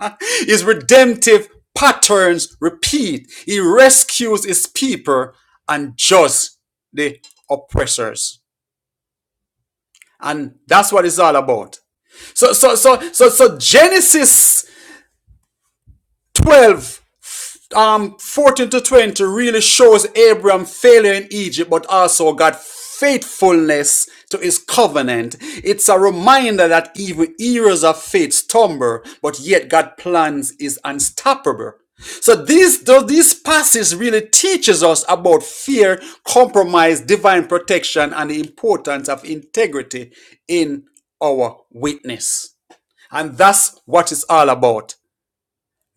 Speaker 2: His redemptive patterns repeat. He rescues his people and judges the oppressors. And that's what it's all about. So so so so so Genesis 12 um 14 to 20 really shows Abraham failure in Egypt but also God faithfulness to his covenant it's a reminder that even heroes of faith stumble but yet God plans is unstoppable so this though this passage really teaches us about fear compromise divine protection and the importance of integrity in our witness and that's what it's all about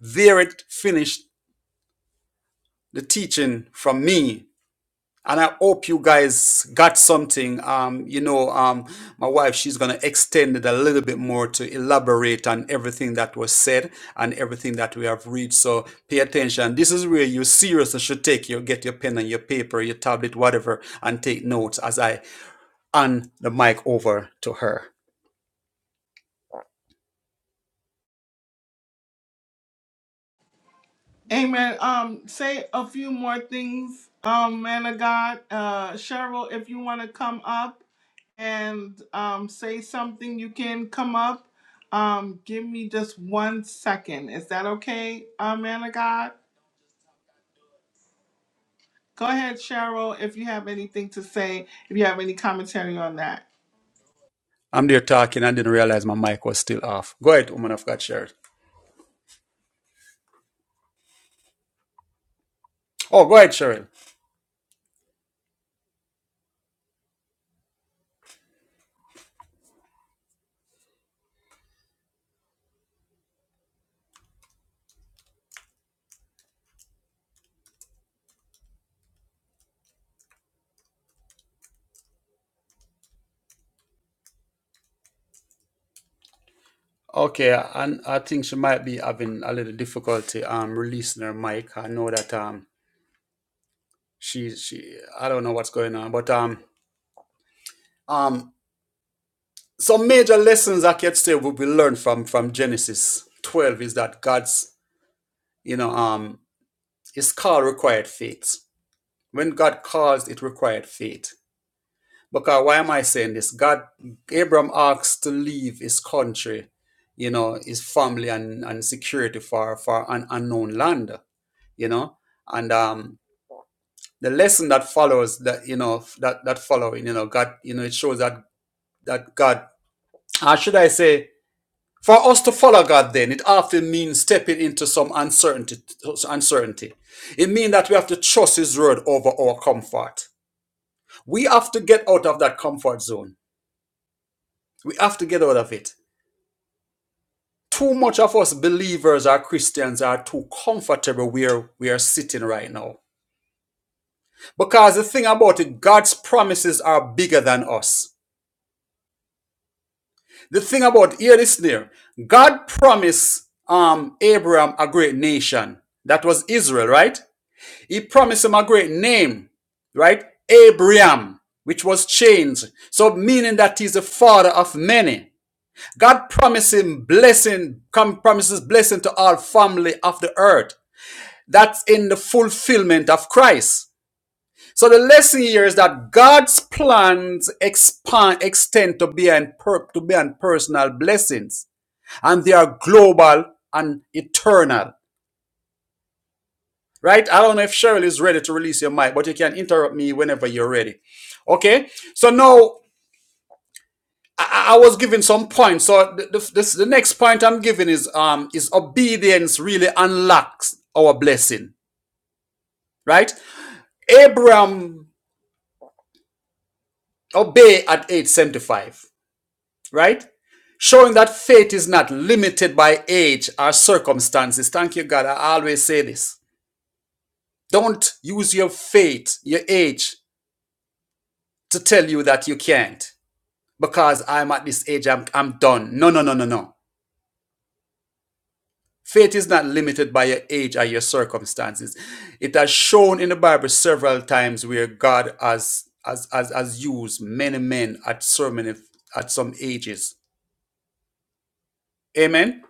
Speaker 2: there it finished the teaching from me. And I hope you guys got something. Um, you know, um, my wife, she's going to extend it a little bit more to elaborate on everything that was said and everything that we have read. So pay attention. This is where you seriously should take your, get your pen and your paper, your tablet, whatever, and take notes as I hand the mic over to her.
Speaker 1: Amen. Um, say a few more things, um, man of God. Uh, Cheryl, if you want to come up and um, say something, you can come up. Um, give me just one second. Is that okay, uh, man of God? Go ahead, Cheryl, if you have anything to say, if you have any commentary on that.
Speaker 2: I'm there talking. I didn't realize my mic was still off. Go ahead, woman of God, Cheryl. Oh, go ahead, Cheryl. Okay, and I think she might be having a little difficulty um releasing her mic. I know that um she she I don't know what's going on, but um um some major lessons I can say will be learned from from Genesis 12 is that God's you know um his call required faith. When God calls, it required faith. Because why am I saying this? God, Abram asks to leave his country, you know, his family and, and security for, for an unknown land, you know, and um, the lesson that follows that, you know, that, that following, you know, God, you know, it shows that, that God, how should I say, for us to follow God then, it often means stepping into some uncertainty, uncertainty. It means that we have to trust his word over our comfort. We have to get out of that comfort zone. We have to get out of it Too much of us believers or Christians are too comfortable where we are sitting right now. Because the thing about it, God's promises are bigger than us. The thing about, hear this there, God promised um, Abraham a great nation. That was Israel, right? He promised him a great name, right? Abraham, which was changed. So meaning that he's the father of many. God promised him blessing, com- promises blessing to all family of the earth. That's in the fulfillment of Christ. So the lesson here is that God's plans expand extend to beyond per, to beyond personal blessings, and they are global and eternal. Right? I don't know if Cheryl is ready to release your mic, but you can interrupt me whenever you're ready. Okay. So now I, I was giving some points. So the, the, this, the next point I'm giving is um is obedience really unlocks our blessing. Right? Abraham obey at age 75, right? Showing that faith is not limited by age or circumstances. Thank you, God. I always say this. Don't use your faith, your age, to tell you that you can't. Because I'm at this age, I'm, I'm done. No, no, no, no, no. Faith is not limited by your age or your circumstances. It has shown in the Bible several times where God has, has, has, has used many men at so many, at some ages. Amen.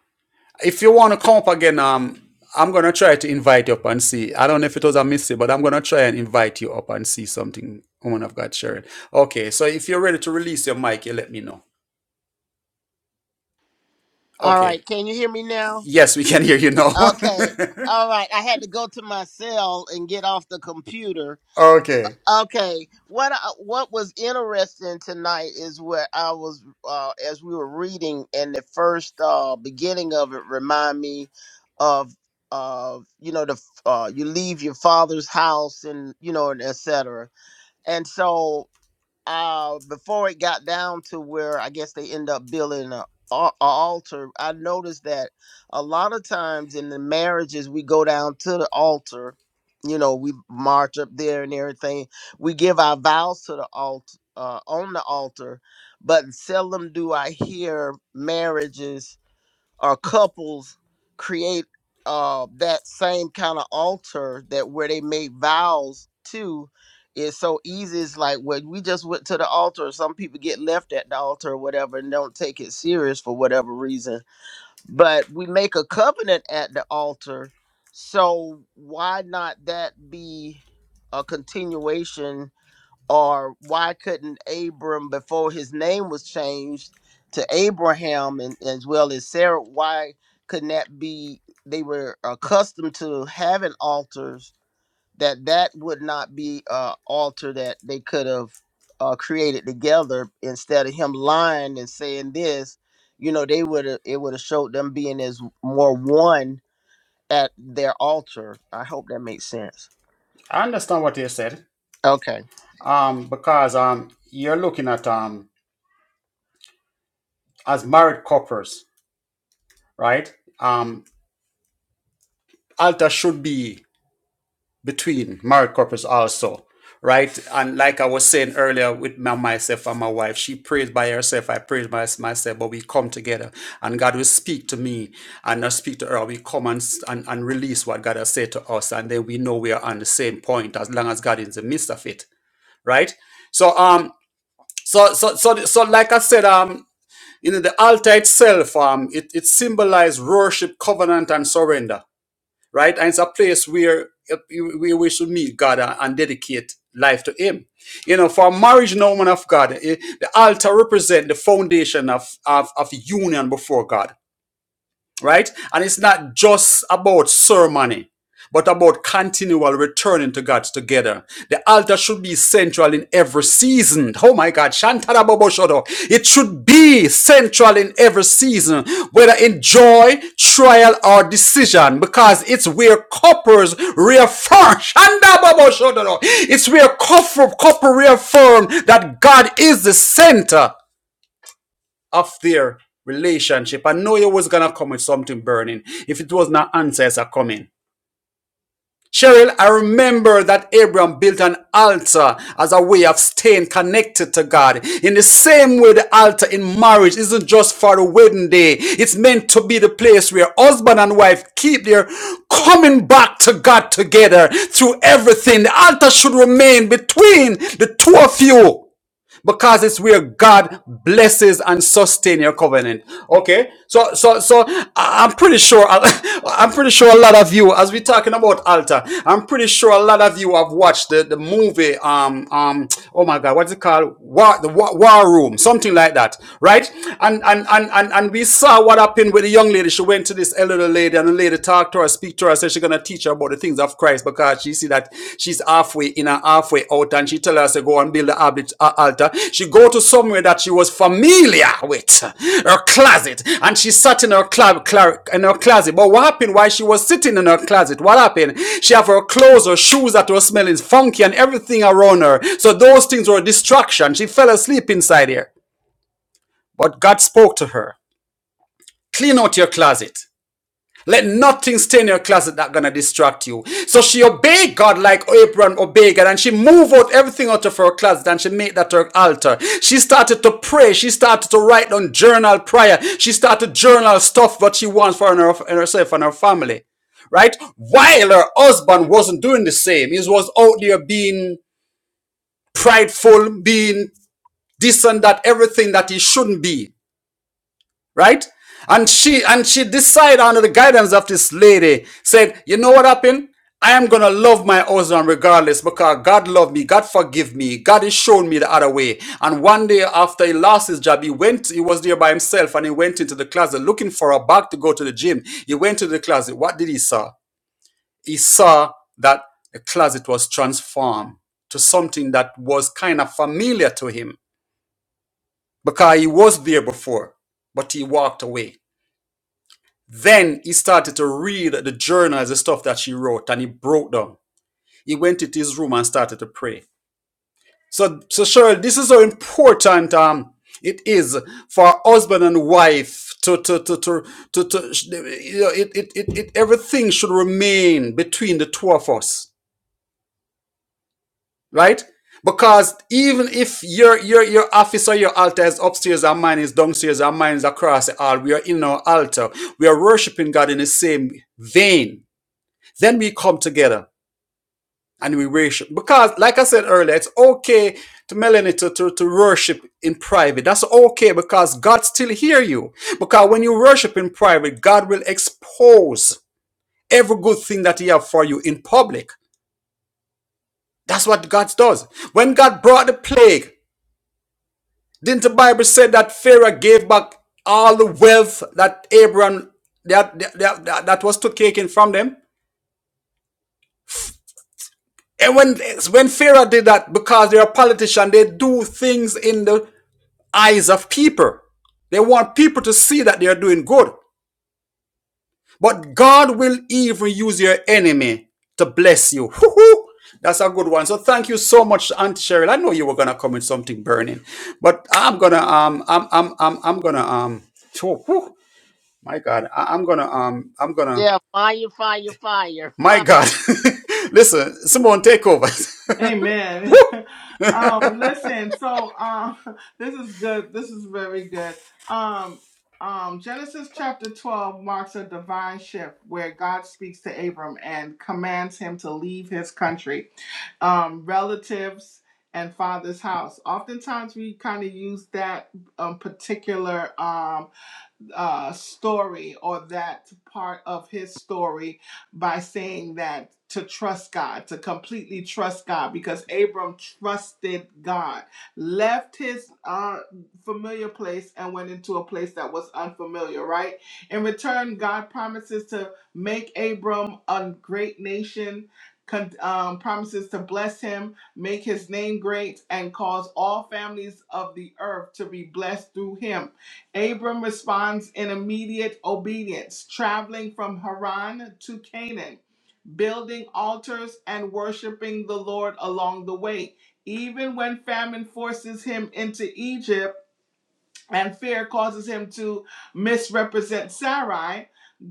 Speaker 2: If you want to come up again, um, I'm gonna try to invite you up and see. I don't know if it was a mistake, but I'm gonna try and invite you up and see something. Woman of God, Sharon. Okay, so if you're ready to release your mic, you let me know.
Speaker 3: All
Speaker 2: Okay.
Speaker 3: right, can you hear me now?
Speaker 2: Yes, we can hear you now.
Speaker 3: Okay. All right, I had to go to my cell and get off the computer.
Speaker 2: okay.
Speaker 3: Okay, what I, what was interesting tonight is what I was uh, as we were reading, and the first uh, beginning of it remind me of of you know the uh, you leave your father's house and you know and etc. And so uh before it got down to where i guess they end up building a, a altar i noticed that a lot of times in the marriages we go down to the altar you know we march up there and everything we give our vows to the altar uh, on the altar but seldom do i hear marriages or couples create uh, that same kind of altar that where they make vows to is so easy. It's like when we just went to the altar. Some people get left at the altar or whatever and don't take it serious for whatever reason. But we make a covenant at the altar, so why not that be a continuation? or why couldn't Abram before his name was changed to Abraham and as well as Sarah? Why couldn't that be? They were accustomed to having altars that that would not be a altar that they could have uh, created together instead of him lying and saying this. You know, they would have it would have showed them being as more one at their altar. I hope that makes sense.
Speaker 2: I understand what you said.
Speaker 3: Okay.
Speaker 2: Um, because um, you're looking at um, as married couples, right? Um, altar should be between married couples also right and like i was saying earlier with my, myself and my wife she prays by herself i praise by myself but we come together and god will speak to me and not speak to her we come and, s- and and release what god has said to us and then we know we are on the same point as long as god is in the midst of it right so um so so so so like i said um you know the altar itself um it, it symbolized worship covenant and surrender right? And it's a place where uh, where we should meet God and dedicate life to Him. You know, for a marriage and a woman of God, eh, the altar represents the foundation of, of, of union before God right? And it's not just about ceremony, but about continual returning to God together. The altar should be central in every season. Oh my God, Shantara Bobo Shodo. It should be central in every season, whether in joy, trial, or decision, because it's where couples reaffirm. Shanda Bobo Shodo. It's where couple, couple reaffirm that God is the center of their relationship. I know you was gonna come with something burning. If it was not answers are coming. Cheryl, I remember that Abraham built an altar as a way of staying connected to God. In the same way, the altar in marriage isn't just for the wedding day. It's meant to be the place where husband and wife keep their coming back to God together through everything. The altar should remain between the two of you because it's where God blesses and sustains your covenant. Okay, so so so I- I'm pretty sure I'm pretty sure a lot of you, as we're talking about altar, I'm pretty sure a lot of you have watched the, the movie. Um um. Oh my God, what's it called? War the War, War Room, something like that, right? And and and and and we saw what happened with the young lady. She went to this elderly lady, and the lady talked to her, speak to her says she's gonna teach her about the things of Christ because she see that she's halfway in and halfway out, and she tell her to go and build a altar. She go to somewhere that she was familiar with, her closet, and she sat in her cla- cla- in her closet. But what happened while she was sitting in her closet? What happened? She have her clothes, her shoes that were smelling funky, and everything around her. So those things were a distraction. She fell asleep inside here, but God spoke to her. Clean out your closet. Let nothing stay in your closet that's gonna distract you. So she obeyed God like Abraham obeyed God, and she moved out everything out of her closet and she made that her altar. She started to pray. She started to write on journal prayer. She started journal stuff what she wants for her, herself and her family, right? While her husband wasn't doing the same, he was out there being prideful, being this and that, everything that he shouldn't be right? And she and she decided under the guidance of this lady said, you know what happened? I am gonna love my husband regardless because God loved me, God forgive me, God has shown me the other way. And one day after he lost his job, he went, he was there by himself and he went into the closet looking for a bag to go to the gym. He went to the closet. What did he saw? He saw that the closet was transformed to something that was kind of familiar to him because he was there before, but he walked away then he started to read the journals, the stuff that she wrote, and he broke down. He went into his room and started to pray. So, so Cheryl, this is how important um, it is for husband and wife to to to to to, to you know, it, it it it everything should remain between the two of us, right? Because even if your your your office or your altar is upstairs and mine is downstairs and mine is across the hall, we are in our altar. We are worshiping God in the same vein Then we come together and we worship. Because, like I said earlier, it's okay to Melanie to, to, to worship in private. That's okay because God still hear you. Because when you worship in private, God will expose every good thing that He have for you in public. That's what God does. When God brought the plague, didn't the Bible say that Pharaoh gave back all the wealth that Abraham that that, that, that was taken from them? And when when Farah did that, because they're a politician, they do things in the eyes of people. They want people to see that they're doing good. But God will even use your enemy to bless you. Hoo-hoo! That's a good one. So thank you so much, Aunt Cheryl. I know you were gonna come with something burning, but I'm gonna um I'm I'm I'm I'm gonna um phew, whew, my God I, I'm gonna um I'm gonna
Speaker 3: Yeah, fire, fire, fire,
Speaker 2: my
Speaker 3: fire.
Speaker 2: God. Listen, Simone, take over.
Speaker 1: Amen.
Speaker 2: Woo!
Speaker 1: um, listen, so um, this is good. This is very good. Um, um, Genesis chapter 12 marks a divine shift where God speaks to Abram and commands him to leave his country, um, relatives, and father's house. Oftentimes, we kind of use that um, particular. Um, uh, story or that part of his story by saying that to trust God, to completely trust God, because Abram trusted God, left his uh, familiar place and went into a place that was unfamiliar, right? In return, God promises to make Abram a great nation. con- Um, promises to bless him, make his name great, and cause all families of the earth to be blessed through him Abram responds in immediate obedience, traveling from Haran to Canaan, building altars and worshiping the Lord along the way. Even when famine forces him into Egypt and fear causes him to misrepresent Sarai,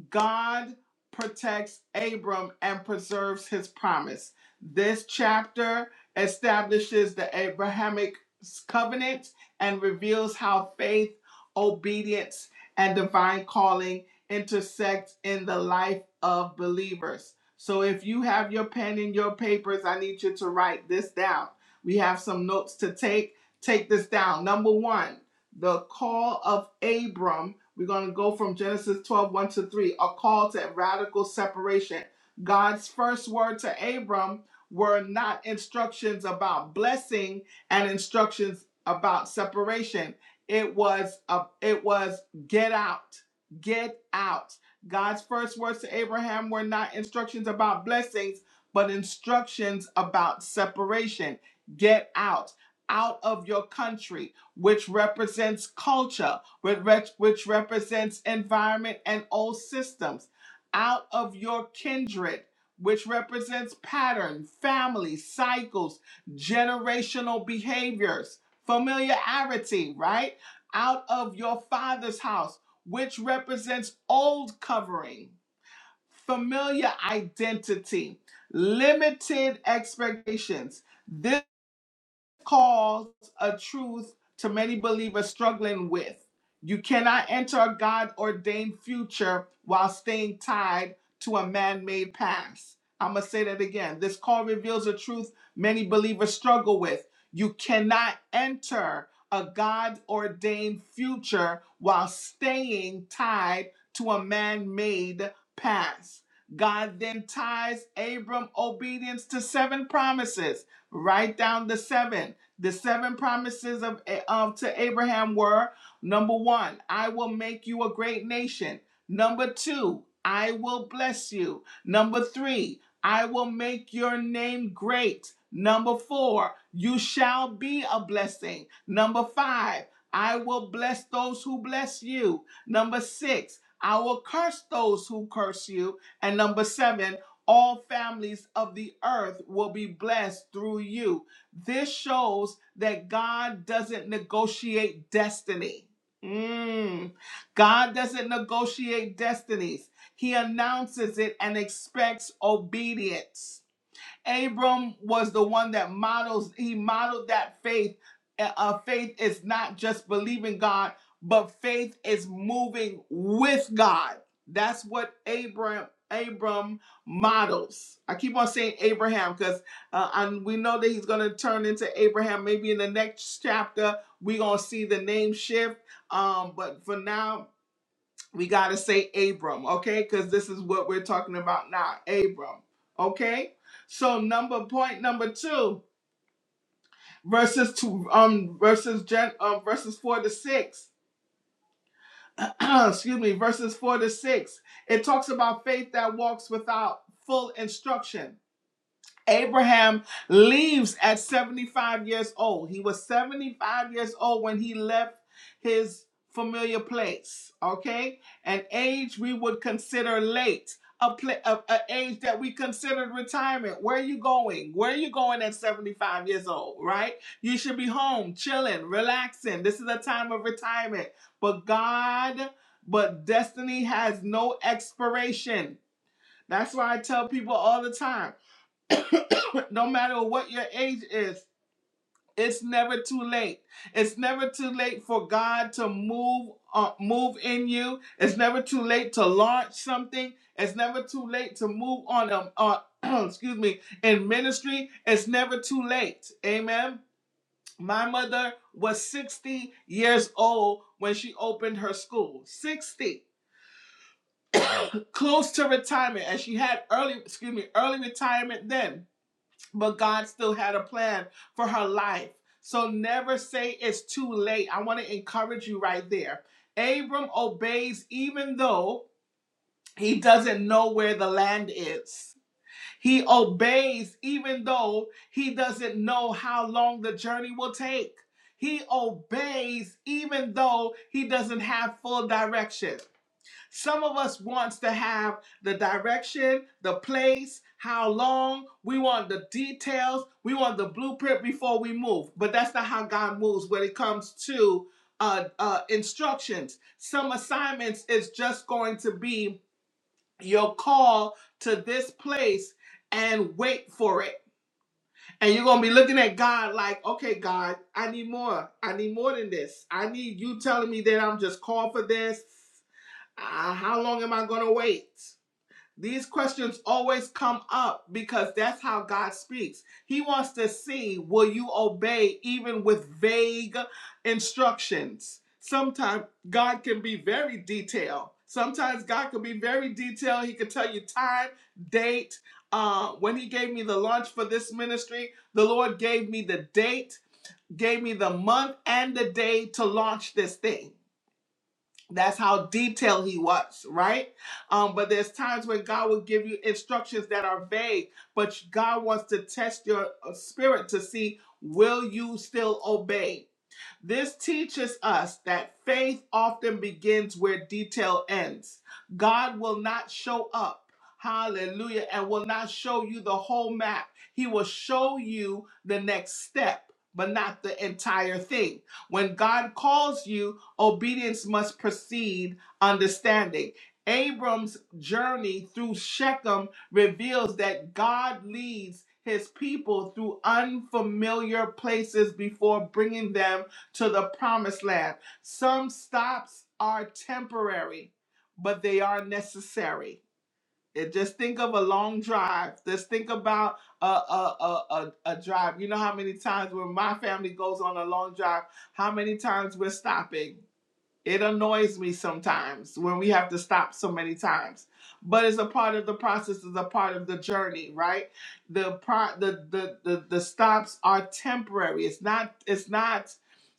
Speaker 1: God protects Abram and preserves his promise. This chapter establishes the Abrahamic covenant and reveals how faith, obedience, and divine calling intersect in the life of believers. So if you have your pen and your papers, I need you to write this down. We have some notes to take. Take this down. Number one, the call of Abram we're going to go from Genesis twelve one to 3, a call to radical separation. God's first word to Abram were not instructions about blessing and instructions about separation. It was a, it was get out. Get out. God's first words to Abraham were not instructions about blessings, but instructions about separation. Get out, out of your country, which represents culture which represents environment and old systems, out of your kindred, which represents pattern, family, cycles, generational behaviors, familiarity, right? Out of your father's house, which represents old covering, familiar identity, limited expectations. This calls a truth to many believers struggling with. You cannot enter a God ordained future while staying tied to a man made past. I'm going to say that again. This call reveals a truth many believers struggle with. You cannot enter a God ordained future while staying tied to a man made past. God then ties Abram obedience to seven promises. Write down the seven the seven promises of, eh, of to Abraham were number one, I will make you a great nation. Number two, I will bless you. Number three, I will make your name great. Number four, you shall be a blessing. Number five, I will bless those who bless you. Number six, I will curse those who curse you. And number seven, all families of the earth will be blessed through you. This shows that God doesn't negotiate destiny. Mm. God doesn't negotiate destinies. He announces it and expects obedience. Abram was the one that models, he modeled that faith. Uh, uh, faith is not just believing God, but faith is moving with God. That's what Abram Abram models. I keep on saying Abraham because uh, and we know that he's going to turn into Abraham. Maybe in the next chapter we're going to see the name shift. Um, but for now, we got to say Abram, okay? Because this is what we're talking about now, Abram, okay? So number point number two, verses two, um, verses gen, um, verses four to six. excuse me, verses four to six. It talks about faith that walks without full instruction Abraham leaves at 75 years old. He was 75 years old when he left his familiar place, okay? An age we would consider late, a, pla a, a age that we considered retirement. Where are you going? Where are you going at 75 years old, right? You should be home, chilling, relaxing. This is a time of retirement. But God, but destiny has no expiration. That's why I tell people all the time no matter what your age is it's never too late it's never too late for god to move uh, move in you it's never too late to launch something it's never too late to move on um, uh, excuse me in ministry it's never too late amen my mother was 60 years old when she opened her school 60 close to retirement and she had early excuse me early retirement then but God still had a plan for her life. So never say it's too late. I want to encourage you right there. Abram obeys even though he doesn't know where the land is. He obeys even though he doesn't know how long the journey will take. He obeys even though he doesn't have full direction. Some of us wants to have the direction, the place, how long. We want the details. We want the blueprint before we move. But that's not how God moves when it comes to uh, uh, instructions. Some assignments is just going to be your call to this place and wait for it. And you're going to be looking at God like, okay, God, I need more. I need more than this. I need you telling me that I'm just called for this. Uh, how long am I going to wait? These questions always come up because that's how God speaks. He wants to see will you obey even with vague instructions. Sometimes God can be very detailed. Sometimes God can be very detailed. He can tell you time, date. Uh, when He gave me the launch for this ministry, the Lord gave me the date, gave me the month and the day to launch this thing. That's how detailed he was, right? Um, but there's times when God will give you instructions that are vague, but God wants to test your uh, spirit to see will you still obey? This teaches us that faith often begins where detail ends. God will not show up, hallelujah, and will not show you the whole map. He will show you the next step, but not the entire thing. When God calls you, obedience must precede understanding. Abram's journey through Shechem reveals that God leads his people through unfamiliar places before bringing them to the promised land. Some stops are temporary, but they are necessary. And just think of a long drive. Just think about a, a, a, a, a drive. You know how many times when my family goes on a long drive, how many times we're stopping? It annoys me sometimes when we have to stop so many times. But it's a part of the process, it's a part of the journey, right? The pro the the the, the stops are temporary. It's not it's not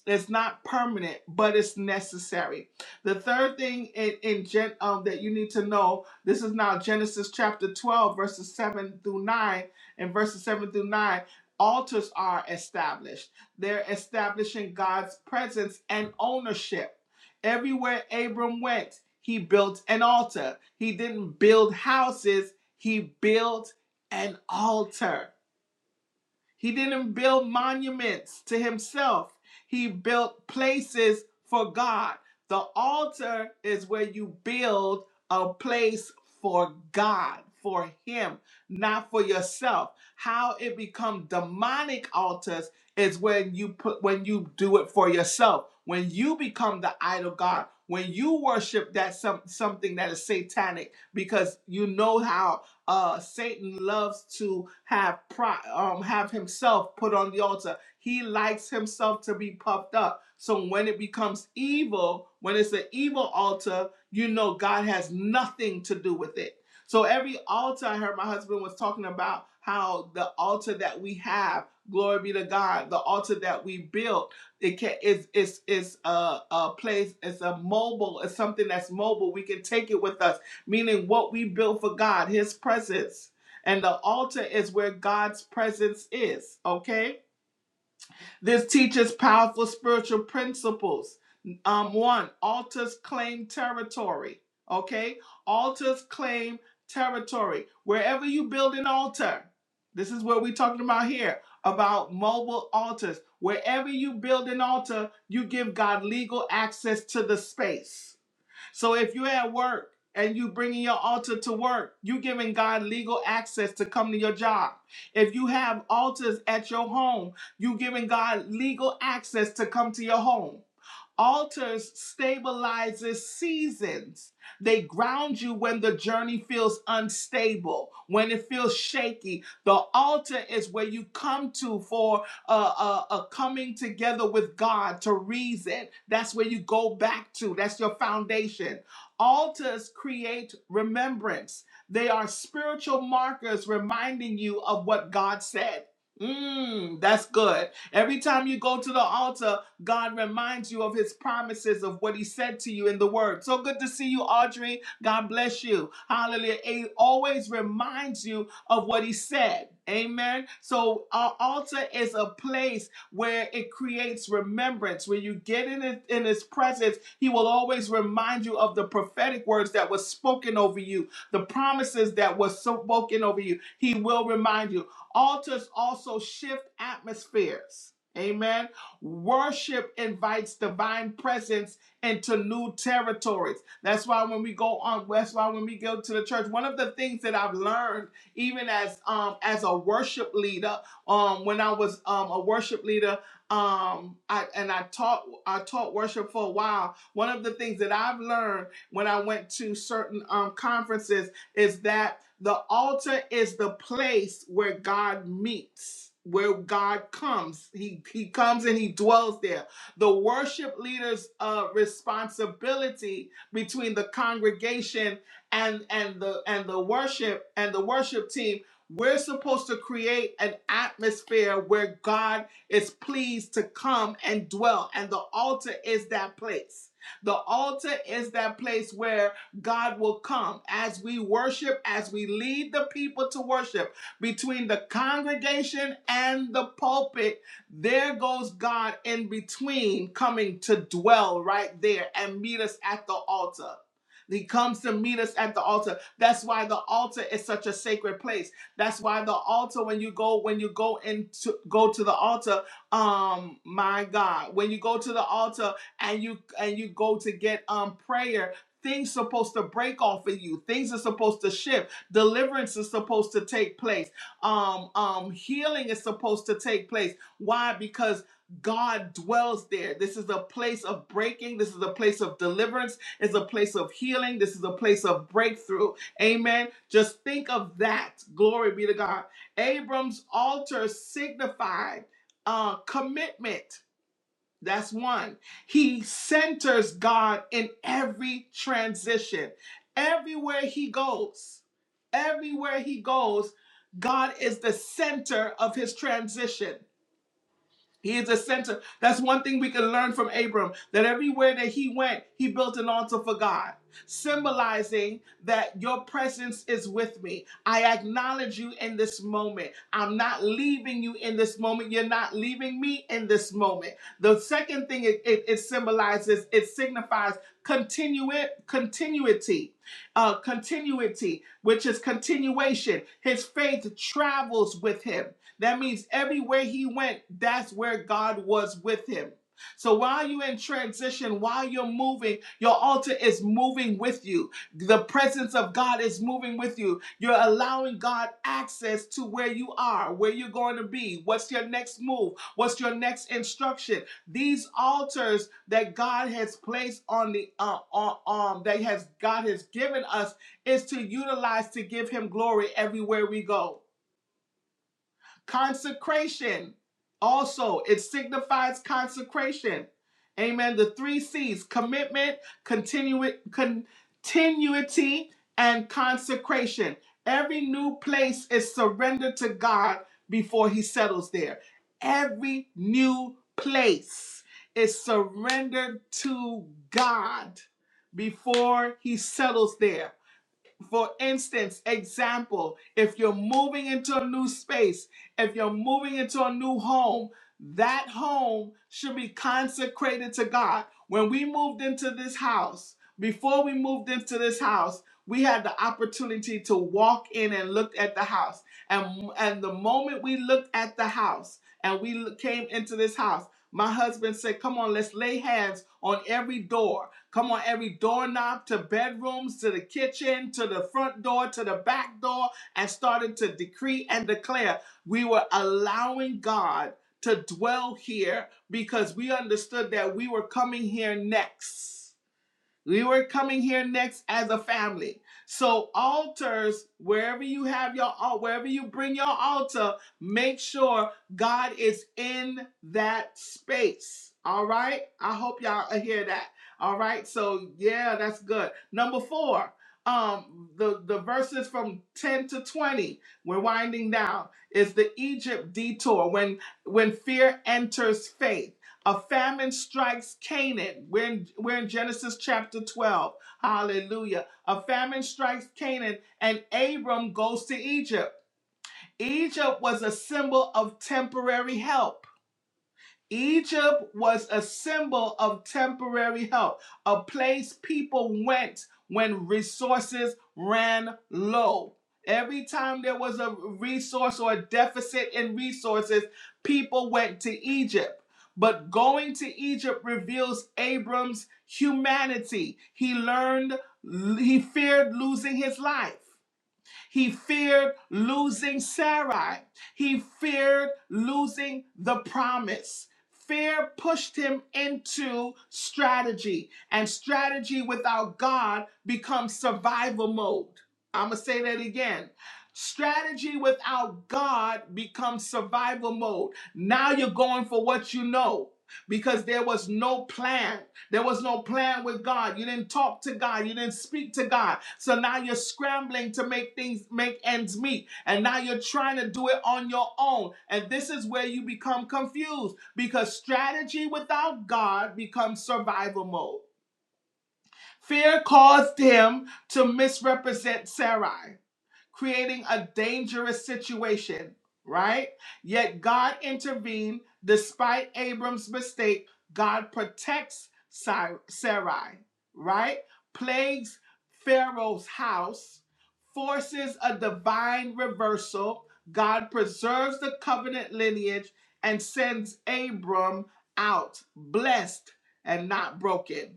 Speaker 1: it's not permanent, but it's necessary. The third thing in, in Gen um that you need to know, this is now Genesis chapter 12, verses 7 through 9, and verses 7 through 9. Altars are established. They're establishing God's presence and ownership Everywhere Abram went, he built an altar. He didn't build houses, he built an altar. He didn't build monuments to himself, he built places for God. The altar is where you build a place for God, for Him, not for yourself. How it become demonic altars is when you put when you do it for yourself, when you become the idol God, when you worship that some, something that is satanic because you know how uh, Satan loves to have pri- um, have himself put on the altar. He likes himself to be puffed up. So when it becomes evil, when it's an evil altar, you know God has nothing to do with it. So every altar, I heard my husband was talking about how the altar that we have, glory be to God, the altar that we built it can it's it's it's a, a place it's a mobile it's something that's mobile we can take it with us meaning what we build for God, His presence. And the altar is where God's presence is, okay? This teaches powerful spiritual principles. Um, one, altars claim territory, okay? Altars claim territory. Wherever you build an altar, this is what we're talking about here about mobile altars. Wherever you build an altar, you give God legal access to the space so if you're at work and you bringing your altar to work, you giving God legal access to come to your job. If you have altars at your home, you giving God legal access to come to your home. Altars stabilizes seasons. They ground you when the journey feels unstable, when it feels shaky. The altar is where you come to for a, a, a coming together with God to reason. That's where you go back to. That's your foundation. Altars create remembrance. They are spiritual markers reminding you of what God said. Mm, that's good. Every time you go to the altar, God reminds you of his promises of what he said to you in the word. So good to see you, Audrey. God bless you. Hallelujah. He always reminds you of what he said. Amen. So our altar is a place where it creates remembrance. When you get in his, in his presence, he will always remind you of the prophetic words that were spoken over you, the promises that were spoken over you. He will remind you. Altars also shift atmospheres. Amen. Worship invites divine presence into new territories. That's why when we go on, that's why when we go to the church, one of the things that I've learned, even as um as a worship leader, um when I was um a worship leader, um I and I taught I taught worship for a while. One of the things that I've learned when I went to certain um conferences is that the altar is the place where God meets, where God comes. He, he comes and he dwells there. The worship leader's uh, responsibility between the congregation and and the and the worship and the worship team. We're supposed to create an atmosphere where God is pleased to come and dwell, and the altar is that place. The altar is that place where God will come as we worship, as we lead the people to worship between the congregation and the pulpit. There goes God in between coming to dwell right there and meet us at the altar. He comes to meet us at the altar. That's why the altar is such a sacred place. That's why the altar, when you go, when you go into go to the altar, um, my God, when you go to the altar and you and you go to get um prayer, Things supposed to break off of you. Things are supposed to shift. Deliverance is supposed to take place. Um, um, healing is supposed to take place. Why? Because God dwells there. This is a place of breaking. This is a place of deliverance. It's a place of healing. This is a place of breakthrough. Amen. Just think of that. Glory be to God. Abram's altar signified uh, commitment. That's one. He centers God in every transition. Everywhere he goes, everywhere he goes, God is the center of his transition. He is a center. That's one thing we can learn from Abram that everywhere that he went, he built an altar for God, symbolizing that your presence is with me. I acknowledge you in this moment. I'm not leaving you in this moment. You're not leaving me in this moment. The second thing it, it, it symbolizes, it signifies continue- continuity, uh, continuity, which is continuation. His faith travels with him that means everywhere he went, that's where God was with him. So while you're in transition, while you're moving, your altar is moving with you. The presence of God is moving with you. You're allowing God access to where you are, where you're going to be, what's your next move, what's your next instruction. These altars that God has placed on the uh, on, on that has God has given us is to utilize to give Him glory everywhere we go. Consecration. Also, it signifies consecration. Amen. The three C's commitment, continu- continuity, and consecration. Every new place is surrendered to God before He settles there. Every new place is surrendered to God before He settles there for instance, example, if you're moving into a new space, if you're moving into a new home, that home should be consecrated to God. When we moved into this house, before we moved into this house, we had the opportunity to walk in and look at the house. And, and the moment we looked at the house and we came into this house, my husband said, Come on, let's lay hands on every door Come on, every doorknob to bedrooms, to the kitchen, to the front door, to the back door, and started to decree and declare. We were allowing God to dwell here because we understood that we were coming here next. We were coming here next as a family. So altars, wherever you have your al- wherever you bring your altar, make sure God is in that space. All right? I hope y'all hear that. All right? So yeah, that's good. Number 4, um the the verses from 10 to 20, we're winding down, is the Egypt detour when when fear enters faith a famine strikes Canaan. We're in, we're in Genesis chapter 12. Hallelujah. A famine strikes Canaan, and Abram goes to Egypt. Egypt was a symbol of temporary help. Egypt was a symbol of temporary help, a place people went when resources ran low. Every time there was a resource or a deficit in resources, people went to Egypt. But going to Egypt reveals Abram's humanity. He learned, he feared losing his life. He feared losing Sarai. He feared losing the promise. Fear pushed him into strategy, and strategy without God becomes survival mode. I'm going to say that again. Strategy without God becomes survival mode. Now you're going for what you know because there was no plan there was no plan with God. You didn't talk to God. You didn't speak to God. So now you're scrambling to make things make ends meet. And now you're trying to do it on your own. And this is where you become confused because strategy without God becomes survival mode. Fear caused him to misrepresent Sarai creating a dangerous situation, right? Yet God intervened despite Abram's mistake. God protects Sai- Sarai, right? Plagues Pharaoh's house, forces a divine reversal. God preserves the covenant lineage and sends Abram out blessed and not broken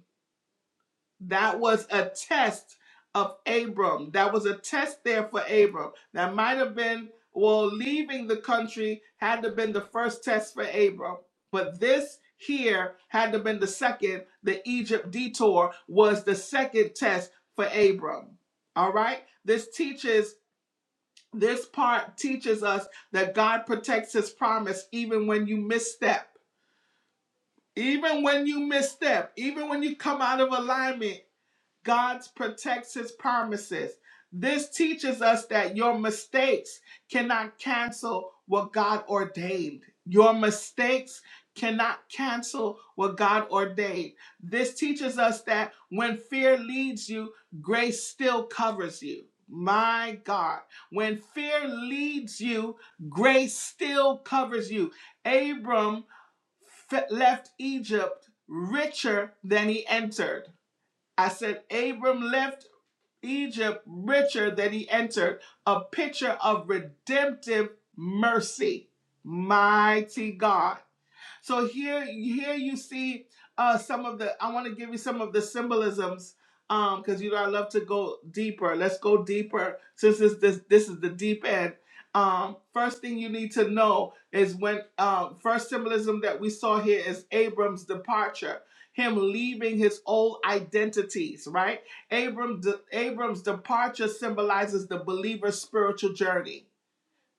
Speaker 1: that was a test of Abram. That was a test there for Abram. That might have been, well, leaving the country had to have been the first test for Abram. But this here had to have been the second. The Egypt detour was the second test for Abram. All right? This teaches this part teaches us that God protects his promise even when you misstep. Even when you misstep, even when you come out of alignment, God protects his promises. This teaches us that your mistakes cannot cancel what God ordained. Your mistakes cannot cancel what God ordained. This teaches us that when fear leads you, grace still covers you. My God, when fear leads you, grace still covers you. Abram left Egypt richer than he entered. I said, Abram left Egypt richer than he entered, a picture of redemptive mercy. Mighty God. So here, here you see uh, some of the. I want to give you some of the symbolisms because um, you know I love to go deeper. Let's go deeper since this this this is the deep end. Um, first thing you need to know is when uh, first symbolism that we saw here is Abram's departure, him leaving his old identities. Right, Abram de, Abram's departure symbolizes the believer's spiritual journey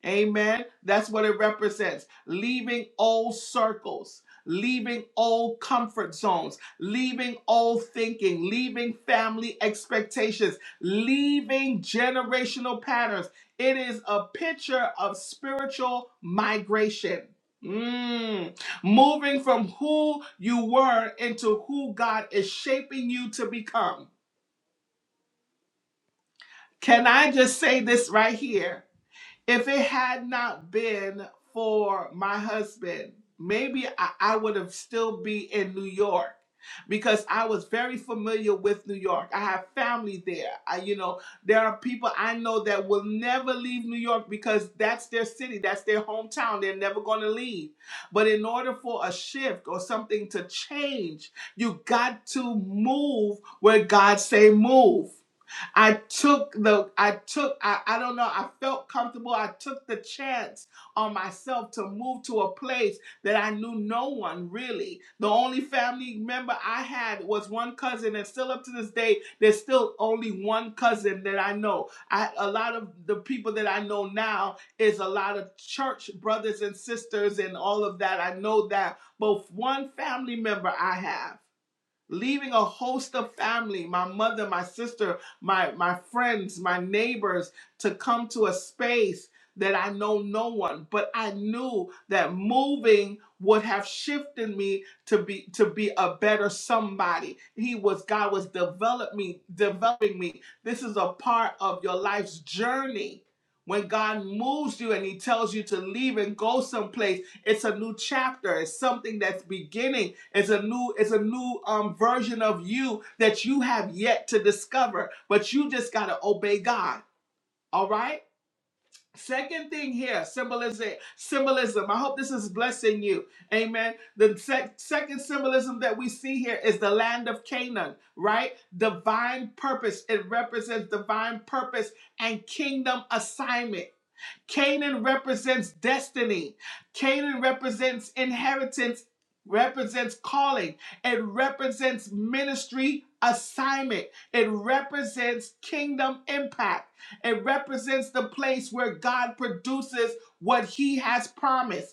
Speaker 1: Amen. That's what it represents. Leaving old circles, leaving old comfort zones, leaving old thinking, leaving family expectations, leaving generational patterns. It is a picture of spiritual migration. Mm. Moving from who you were into who God is shaping you to become. Can I just say this right here? If it had not been for my husband, maybe I, I would have still be in New York because I was very familiar with New York. I have family there. I, you know, there are people I know that will never leave New York because that's their city, that's their hometown. They're never going to leave. But in order for a shift or something to change, you got to move where God say move. I took the, I took, I, I don't know, I felt comfortable. I took the chance on myself to move to a place that I knew no one really. The only family member I had was one cousin, and still up to this day, there's still only one cousin that I know. I, a lot of the people that I know now is a lot of church brothers and sisters and all of that. I know that, but one family member I have leaving a host of family my mother my sister my my friends my neighbors to come to a space that i know no one but i knew that moving would have shifted me to be to be a better somebody he was god was develop me developing me this is a part of your life's journey when God moves you and He tells you to leave and go someplace, it's a new chapter. It's something that's beginning it's a new, it's a new um, version of you that you have yet to discover, but you just gotta obey God. All right. Second thing here, symbolism. Symbolism. I hope this is blessing you. Amen. The sec- second symbolism that we see here is the land of Canaan, right? Divine purpose. It represents divine purpose and kingdom assignment. Canaan represents destiny, Canaan represents inheritance, represents calling, it represents ministry assignment, it represents kingdom impact, it represents the place where God produces what he has promised.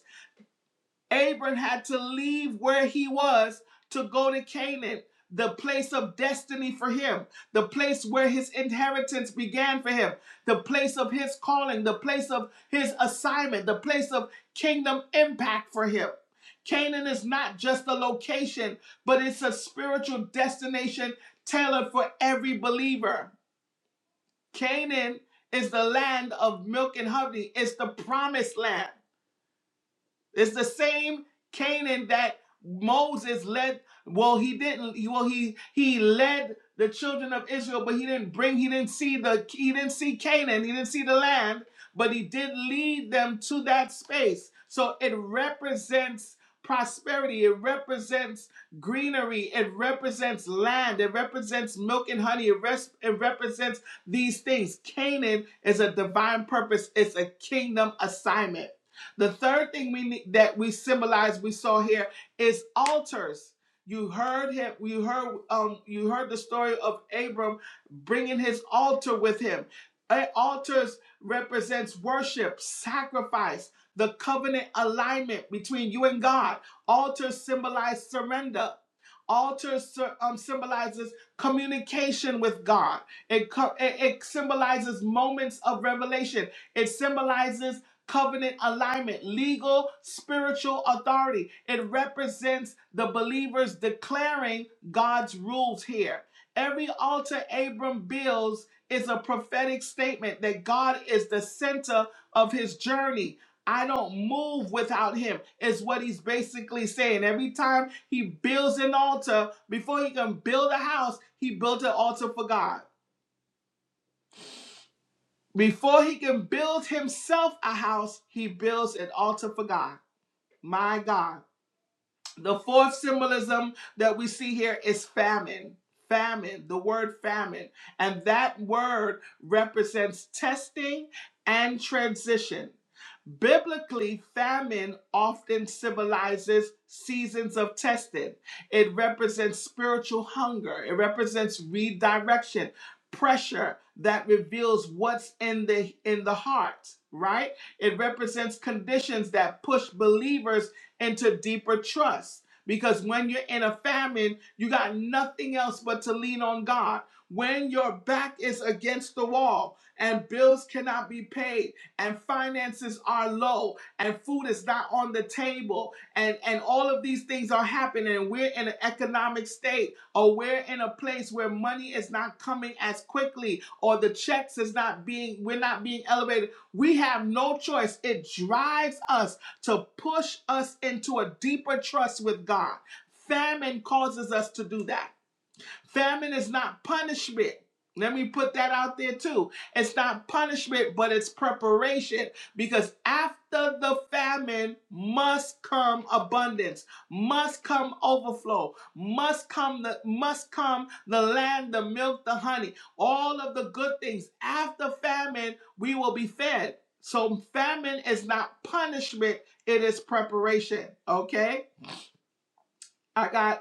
Speaker 1: Abram had to leave where he was to go to Canaan, the place of destiny for him, the place where his inheritance began for him, the place of his calling, the place of his assignment, the place of kingdom impact for him. Canaan is not just a location, but it's a spiritual destination tailored for every believer. Canaan is the land of milk and honey, it's the promised land. It's the same Canaan that Moses led. Well, he didn't. Well, he he led the children of Israel, but he didn't bring. He didn't see the. He didn't see Canaan. He didn't see the land, but he did lead them to that space. So it represents prosperity. It represents greenery. It represents land. It represents milk and honey. It, res- it represents these things. Canaan is a divine purpose. It's a kingdom assignment. The third thing we need, that we symbolize we saw here is altars. You heard him. You heard um. You heard the story of Abram bringing his altar with him. Altars represents worship, sacrifice, the covenant alignment between you and God. Altars symbolize surrender. Altars um, symbolizes communication with God. It, co- it it symbolizes moments of revelation. It symbolizes covenant alignment, legal, spiritual authority. It represents the believers declaring God's rules here. Every altar Abram builds is a prophetic statement that God is the center of his journey. I don't move without him, is what he's basically saying. Every time he builds an altar, before he can build a house, he built an altar for God. Before he can build himself a house, he builds an altar for God. My God. The fourth symbolism that we see here is famine. Famine, the word famine. And that word represents testing and transition. Biblically, famine often symbolizes seasons of testing. It represents spiritual hunger, it represents redirection, pressure that reveals what's in the in the heart, right? It represents conditions that push believers into deeper trust. Because when you're in a famine, you got nothing else but to lean on God. When your back is against the wall and bills cannot be paid and finances are low and food is not on the table and, and all of these things are happening and we're in an economic state or we're in a place where money is not coming as quickly or the checks is not being, we're not being elevated. We have no choice. It drives us to push us into a deeper trust with God. Famine causes us to do that. Famine is not punishment. Let me put that out there too. It's not punishment, but it's preparation because after the famine must come abundance, must come overflow, must come the must come the land, the milk, the honey, all of the good things. After famine, we will be fed. So famine is not punishment, it is preparation. Okay? I got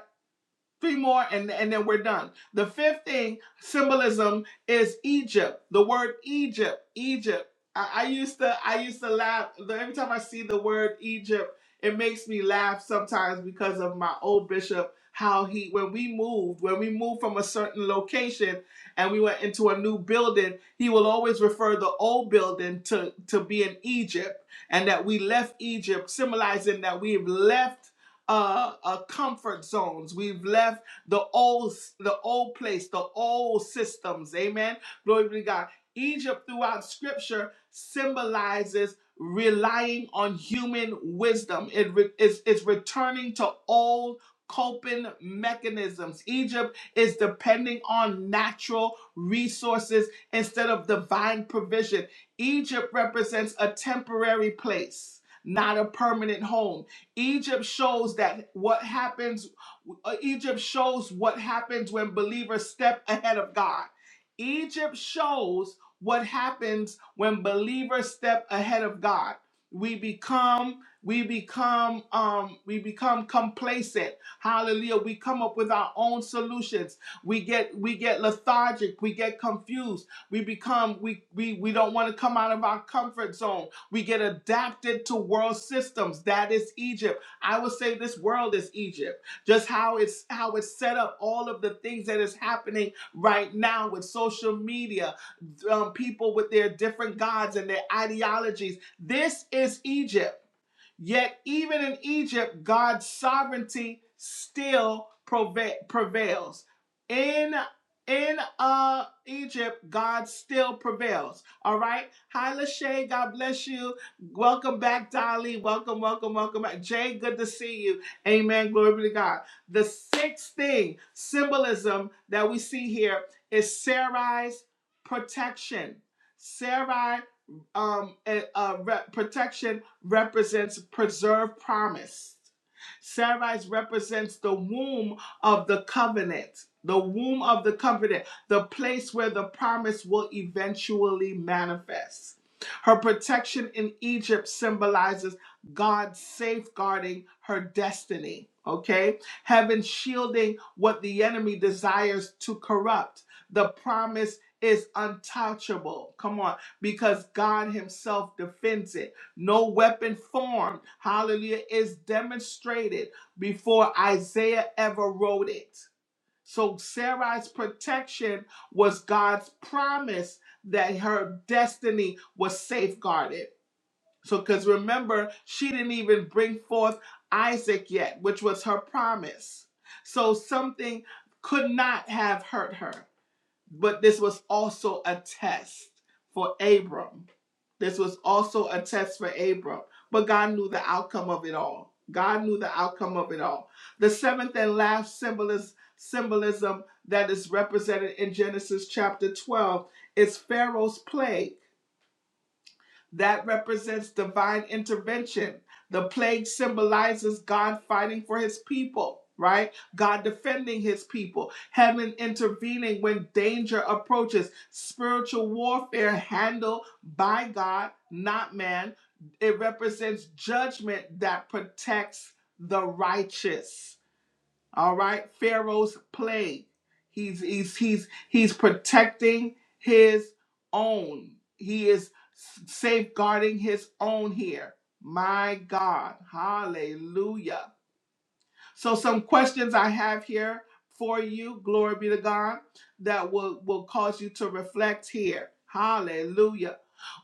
Speaker 1: Three more and, and then we're done. The fifth thing, symbolism, is Egypt. The word Egypt, Egypt. I, I used to I used to laugh every time I see the word Egypt, it makes me laugh sometimes because of my old bishop, how he when we moved, when we moved from a certain location and we went into a new building, he will always refer the old building to, to be in Egypt and that we left Egypt, symbolizing that we've left uh, uh, comfort zones. We've left the old, the old place, the old systems. Amen. Glory be to God. Egypt throughout Scripture symbolizes relying on human wisdom. It re- is it's returning to old coping mechanisms. Egypt is depending on natural resources instead of divine provision. Egypt represents a temporary place, not a permanent home. Egypt shows that what happens, uh, Egypt shows what happens when believers step ahead of God. Egypt shows what happens when believers step ahead of God. We become, we become, um, we become complacent. Hallelujah. We come up with our own solutions. We get, we get lethargic. We get confused. We become, we, we, we don't want to come out of our comfort zone we get adapted to world systems. That is Egypt. I would say this world is Egypt. Just how it's how it's set up, all of the things that is happening right now with social media, um, people with their different gods and their ideologies. This is Egypt. Yet, even in Egypt, God's sovereignty still prevails. In in uh Egypt, God still prevails. All right. Hi, Lachey. God bless you. Welcome back, Dolly. Welcome, welcome, welcome back. Jay, good to see you. Amen. Glory be to God. The sixth thing, symbolism that we see here is Sarai's protection. Sarai um, uh, uh, protection represents preserved promise. Sarai represents the womb of the covenant, the womb of the covenant, the place where the promise will eventually manifest. Her protection in Egypt symbolizes God safeguarding her destiny, okay? Heaven shielding what the enemy desires to corrupt. The promise is untouchable. Come on, because God Himself defends it. No weapon formed, hallelujah, is demonstrated before Isaiah ever wrote it. So Sarai's protection was God's promise that her destiny was safeguarded. So, because remember, she didn't even bring forth Isaac yet, which was her promise. So, something could not have hurt her. But this was also a test for Abram. This was also a test for Abram. But God knew the outcome of it all. God knew the outcome of it all. The seventh and last symbolis- symbolism that is represented in Genesis chapter 12 is Pharaoh's plague that represents divine intervention. The plague symbolizes God fighting for his people, right? God defending his people, heaven intervening when danger approaches, spiritual warfare handled by God, not man. It represents judgment that protects the righteous all right, Pharaoh's plague. He's he's he's he's protecting his own. He is safeguarding his own here. My God, Hallelujah. So some questions I have here for you, glory be to God, that will will cause you to reflect here. Hallelujah.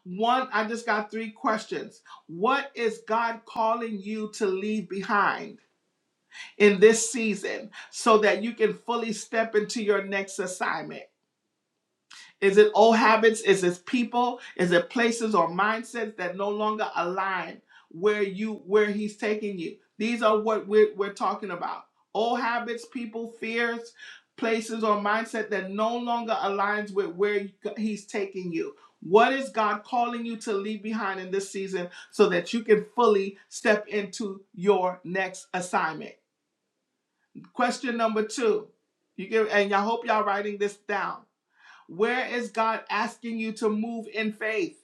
Speaker 1: One, I just got three questions. What is God calling you to leave behind? in this season so that you can fully step into your next assignment? Is it old habits? Is it people? Is it places or mindsets that no longer align where you where he's taking you? These are what we're, we're talking about. Old habits, people, fears, places or mindset that no longer aligns with where he's taking you. What is God calling you to leave behind in this season so that you can fully step into your next assignment? Question number two. You give and I hope y'all writing this down. Where is God asking you to move in faith?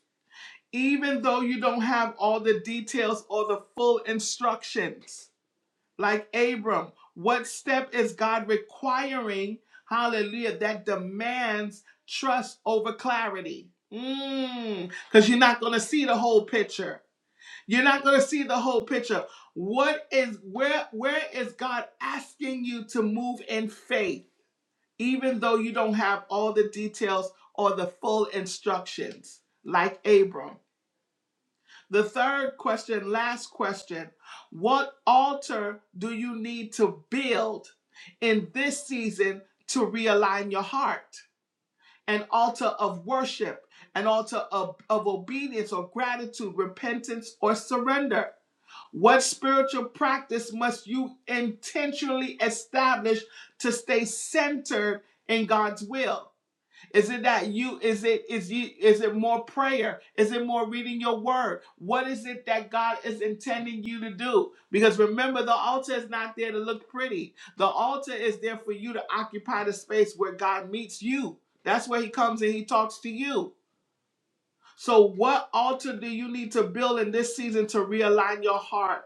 Speaker 1: Even though you don't have all the details or the full instructions. Like Abram, what step is God requiring? Hallelujah, that demands trust over clarity. Because mm, you're not going to see the whole picture. You're not going to see the whole picture. What is where where is God asking you to move in faith even though you don't have all the details or the full instructions like Abram. The third question, last question, what altar do you need to build in this season to realign your heart? an altar of worship, an altar of, of obedience or gratitude, repentance or surrender. What spiritual practice must you intentionally establish to stay centered in God's will? Is it that you is it is you is it more prayer? Is it more reading your word? What is it that God is intending you to do? Because remember the altar is not there to look pretty. The altar is there for you to occupy the space where God meets you. That's where he comes and he talks to you. So, what altar do you need to build in this season to realign your heart?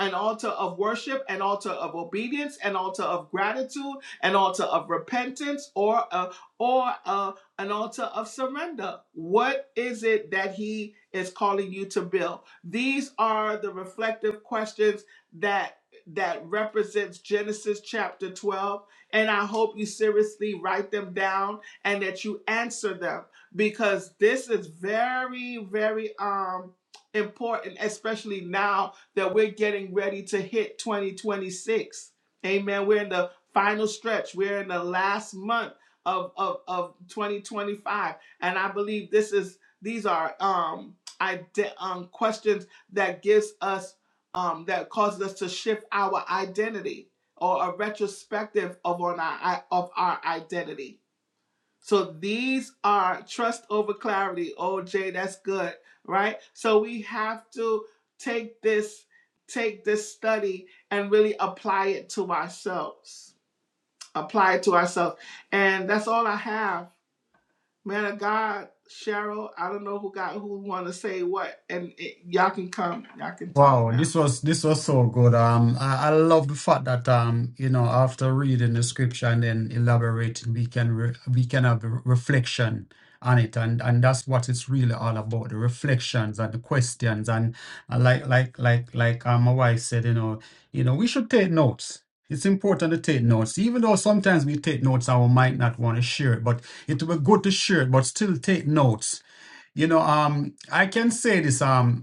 Speaker 1: An altar of worship, an altar of obedience, an altar of gratitude, an altar of repentance, or a, or a, an altar of surrender. What is it that He is calling you to build? These are the reflective questions that that represents Genesis chapter 12 and I hope you seriously write them down and that you answer them because this is very very um important especially now that we're getting ready to hit 2026 amen we're in the final stretch we're in the last month of of, of 2025 and i believe this is these are um ide- um questions that gives us um that causes us to shift our identity or a retrospective of on our of our identity so these are trust over clarity. Oh, Jay, that's good, right? So we have to take this, take this study and really apply it to ourselves. Apply it to ourselves. And that's all I have. Man of God, Cheryl, I don't know who got who wanna say what. And it, y'all can come. Y'all can talk
Speaker 2: Wow,
Speaker 1: now.
Speaker 2: this was this was so good. Um, I, I love the fact that um, you know, after reading the scripture and then elaborating, we can re we can have a reflection on it, and and that's what it's really all about, the reflections and the questions, and uh, like like like like um, my wife said, you know, you know, we should take notes. It's important to take notes, even though sometimes we take notes and we might not want to share it, but it will be good to share it, but still take notes. You know, um, I can say this. Um,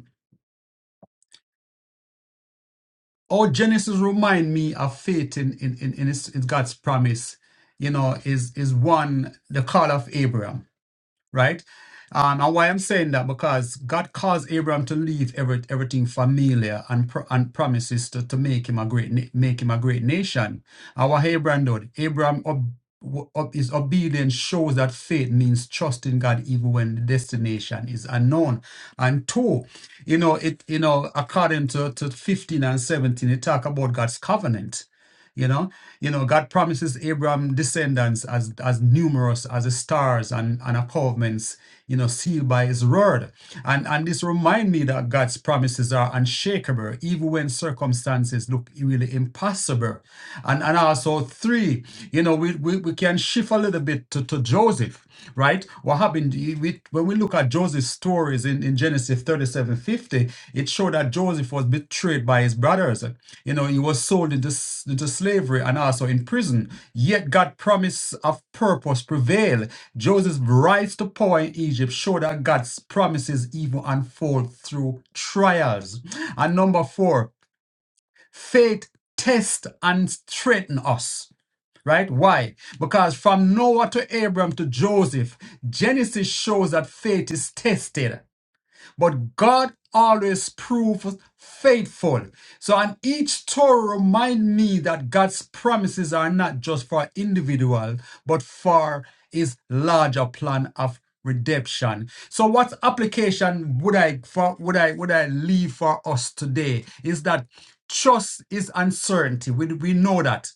Speaker 2: Oh, Genesis remind me of faith in in in, in, his, in God's promise. You know, is is one the call of Abraham right? Um, and why I'm saying that because God caused Abraham to leave every, everything familiar and pro- and promises to, to make him a great na- make him a great nation. And what Abraham did, Abraham ob, w- ob- his obedience shows that faith means trusting God even when the destination is unknown. And two, you know it you know according to, to 15 and 17, it talk about God's covenant you know, you know, God promises Abraham descendants as as numerous as the stars and and a covenants, you know, sealed by His word. And and this remind me that God's promises are unshakable, even when circumstances look really impossible. And and also three, you know, we we, we can shift a little bit to, to Joseph, right? What happened? You- we- when we look at Joseph's stories in, in Genesis 37:50, it showed that Joseph was betrayed by his brothers. You know, he was sold into, s- into slavery and also in prison. Yet God's promise of purpose prevailed. Joseph's rise to power in Egypt showed that God's promises even unfold through trials. And number four, faith tests and strengthens us right? Why? Because from Noah to Abram to Joseph, Genesis shows that faith is tested. But God always proves faithful. So, on each Torah remind me that God's promises are not just for individual, but for His larger plan of redemption. So, what application would I for would I would I leave for us today? Is that trust is uncertainty. We we know that.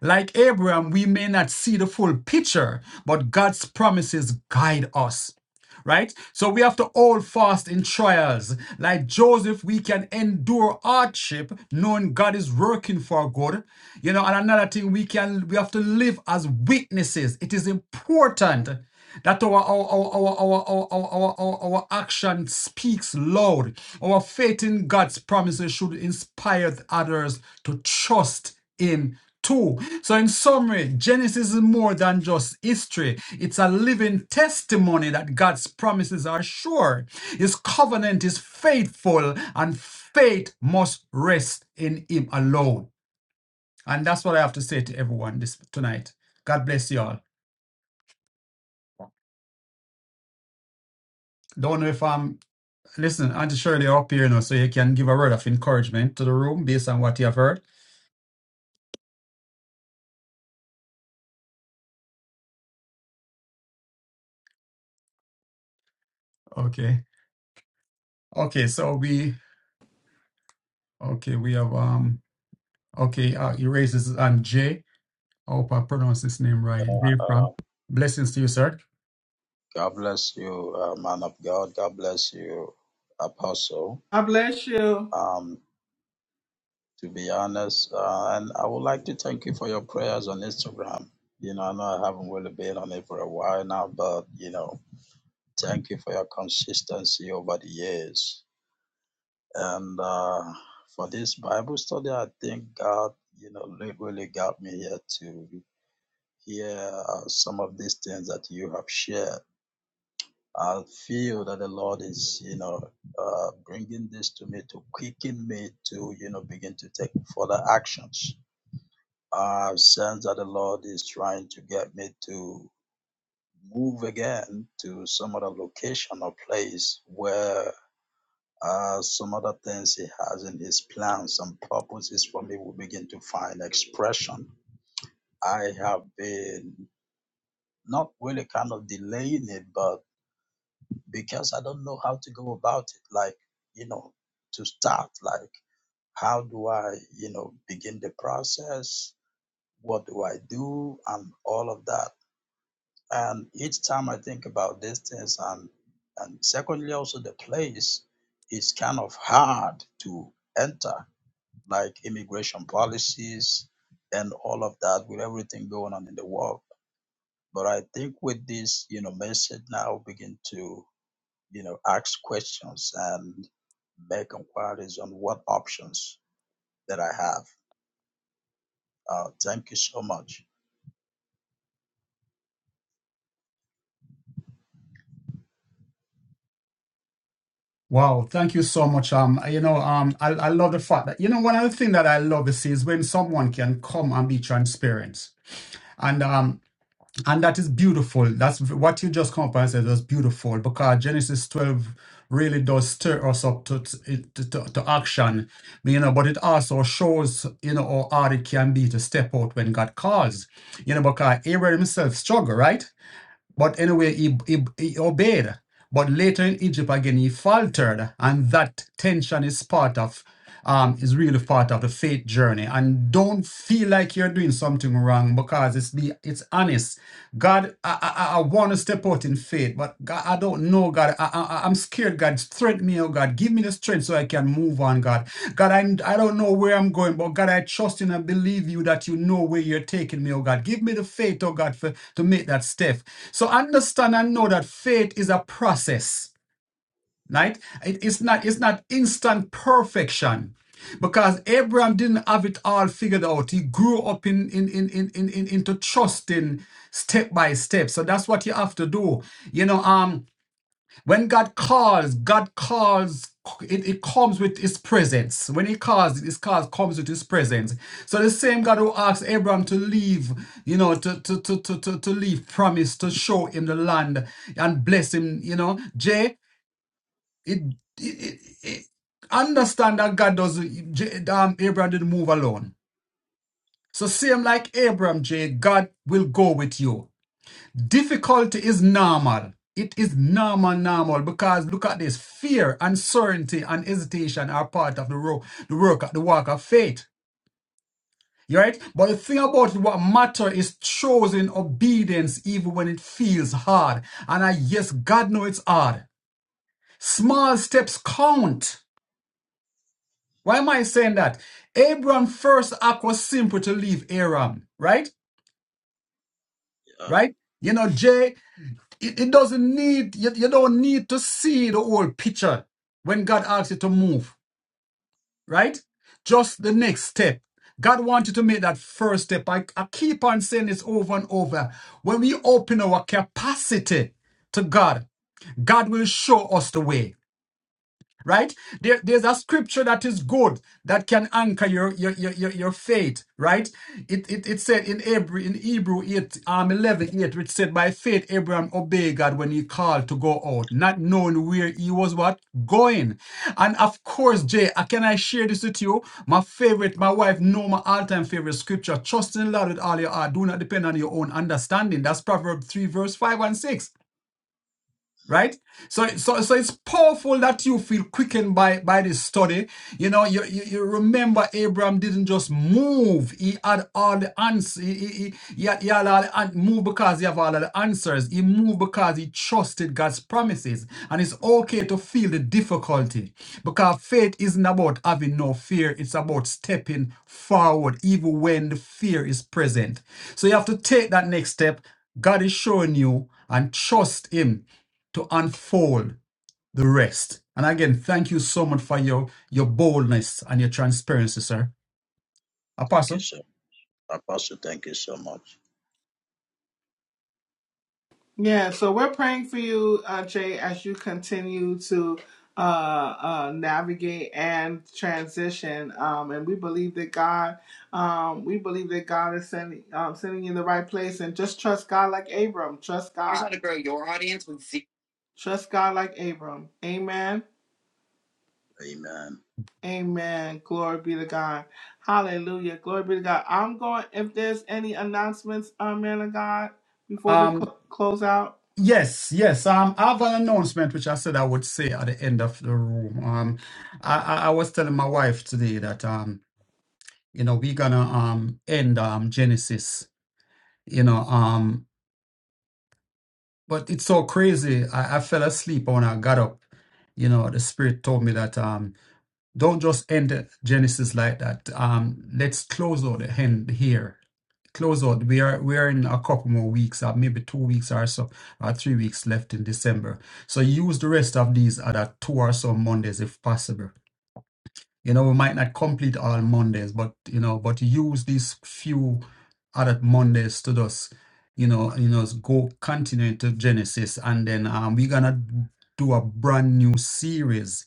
Speaker 2: Like Abraham, we may not see the full picture, but God's promises guide us right? So we have to all fast in trials. Like Joseph, we can endure hardship knowing God is working for good. You know, and another thing we can we have to live as witnesses. It is important that our our our our our our our, our, our, our action speaks loud. Our faith in God's promises should inspire others to trust in two. So, in summary, Genesis is more than just history, it's a living testimony that God's promises are sure, His covenant is faithful, and faith must rest in Him alone. And that's what I have to say to everyone this tonight. God bless you all. Don't know if I'm listen, Auntie Shirley up here, you know, so you can give a word of encouragement to the room based on what you have heard. Okay. Okay, so we okay, we have um okay, uh, he raises on Jay. I hope I pronounced his name right.
Speaker 4: Uh,
Speaker 2: Dave Frank.
Speaker 4: uh,
Speaker 2: Blessings to you, sir.
Speaker 4: God bless you, uh, man of God. God bless you, apostle.
Speaker 1: God bless you.
Speaker 4: Um, to be honest, uh, and I would like to thank you for your prayers on Instagram. You know, I know I haven't really been on it for a while now, but you know, thank you for your consistency over the years. And uh, for this Bible study, I think God, you know, really got me here to hear uh, some of these things that you have shared I feel that the Lord is, you know, uh, bringing this to me to quicken me to, you know, begin to take further actions. I sense that the Lord is trying to get me to move again to some other location or place where uh, some other things He has in His plans and purposes for me will begin to find expression. I have been not really kind of delaying it, but because I don't know how to go about it. Like, you know, to start, like, how do I, you know, begin the process? What do I do? And all of that. And each time I think about these things, and and secondly, also the place is kind of hard to enter, like immigration policies and all of that, with everything going on in the world. But I think with this, you know, message now begin to you know, ask questions and make inquiries on what options that I have. Uh, thank you so much.
Speaker 2: Wow, thank you so much. Um, you know, um, I, I love the fact that you know one of the things that I love is, is when someone can come and be transparent, and um, and that is beautiful. That's what you just come up and said was beautiful because Genesis twelve really does stir us up to to, to, to action, you know. But it also shows you know how hard it can be to step out when God calls, you know, because Abraham himself struggled, right? But anyway, he, he, he obeyed. But later in Egypt again, he faltered, and that tension is part of, um, is really part of the faith journey. And don't feel like you're doing something wrong because it's the it's honest. God, I I, I want to step out in faith, but God, I don't know, God. I, I, I- am scared, God. Strengthen me, oh God. Give me the strength so I can move on, God. God, I, I don't know where I'm going, but God, I trust in and believe you that you know where you're taking me, oh God. Give me the faith, oh God, for, to make that step. So understand and know that faith is a process, right? It- it's not it's not instant perfection. Because Abraham didn't have it all figured out. He grew up in, in, in, in, in, in- into trusting step by step. So that's what you have to do. You know, um, when God calls, God calls, it, it comes with his presence. When he calls, his call comes with his presence. So the same God who asked Abraham to leave, you know, to, to, to, to, to, to leave, promised to show him the land and bless him, you know. Jay, it, it, it, it understand that God doesn't, J- um, Abraham didn't move alone. So same like Abraham, Jay, God will go with you. Difficulty is normal. It is normal, normal, because look at this fear, uncertainty, and hesitation are part of the, ro- the work, the work of faith. You right? But the thing about it, what matter is chosen obedience even when it feels hard. And I, yes, God knows it's hard. Small steps count. Why am I saying that? Abraham's first act was simple to leave Aram, right?
Speaker 4: Yeah,
Speaker 2: Right? You know, Jay. It, it doesn't need, you, you don't need to see the whole picture when God asks you to move, right? Just the next step. God wants you to make that first step. I, I keep on saying this over and over. When we open our capacity to God, God will show us the way right there, there's a scripture that is good that can anchor your your your, your, your faith right it, it it said in hebrew in hebrew 8 um 11 8 which said by faith abraham obeyed god when he called to go out not knowing where he was what going and of course jay uh, can i share this with you my favorite my wife know my all-time favorite scripture trust in the lord with all your heart do not depend on your own understanding that's proverbs 3 verse 5 and 6 right so so so it's powerful that you feel quickened by by this study you know you you, you remember abraham didn't just move he had all the answers he, he, he, had, he had all the an- moved because he had all the answers he moved because he trusted god's promises and it's okay to feel the difficulty because faith isn't about having no fear it's about stepping forward even when the fear is present so you have to take that next step god is showing you and trust him to unfold the rest. And again, thank you so much for your your boldness and your transparency, sir.
Speaker 4: thank you
Speaker 2: Apostle.
Speaker 4: so much. Apostle, thank you so much.
Speaker 1: Yeah, so we're praying for you, uh, Jay, as you continue to uh, uh, navigate and transition. Um, and we believe that God, um, we believe that God is sending um, sending you in the right place. And just trust God like Abram. Trust
Speaker 2: Here's how
Speaker 1: God.
Speaker 2: to grow your audience with zero.
Speaker 1: Trust God like Abram. Amen.
Speaker 4: Amen.
Speaker 1: Amen. Glory be to God. Hallelujah. Glory be to God. I'm going. If there's any announcements, uh, man of God, before we
Speaker 2: Um,
Speaker 1: cl- close out.
Speaker 2: yes, yes. Um, I have an announcement which I said I would say at the end of the room. Um, I, I, I was telling my wife today that um, you know, we're gonna um end um Genesis, you know, um, but it's so crazy. I, I fell asleep when I got up. You know, the spirit told me that um. Don't just end Genesis like that. Um, let's close out the end here. Close out. We are we are in a couple more weeks, or maybe two weeks or so, or three weeks left in December. So use the rest of these other two or so Mondays if possible. You know, we might not complete all Mondays, but you know, but use these few other Mondays to just, you know, you know, go continue to Genesis, and then um, we're gonna do a brand new series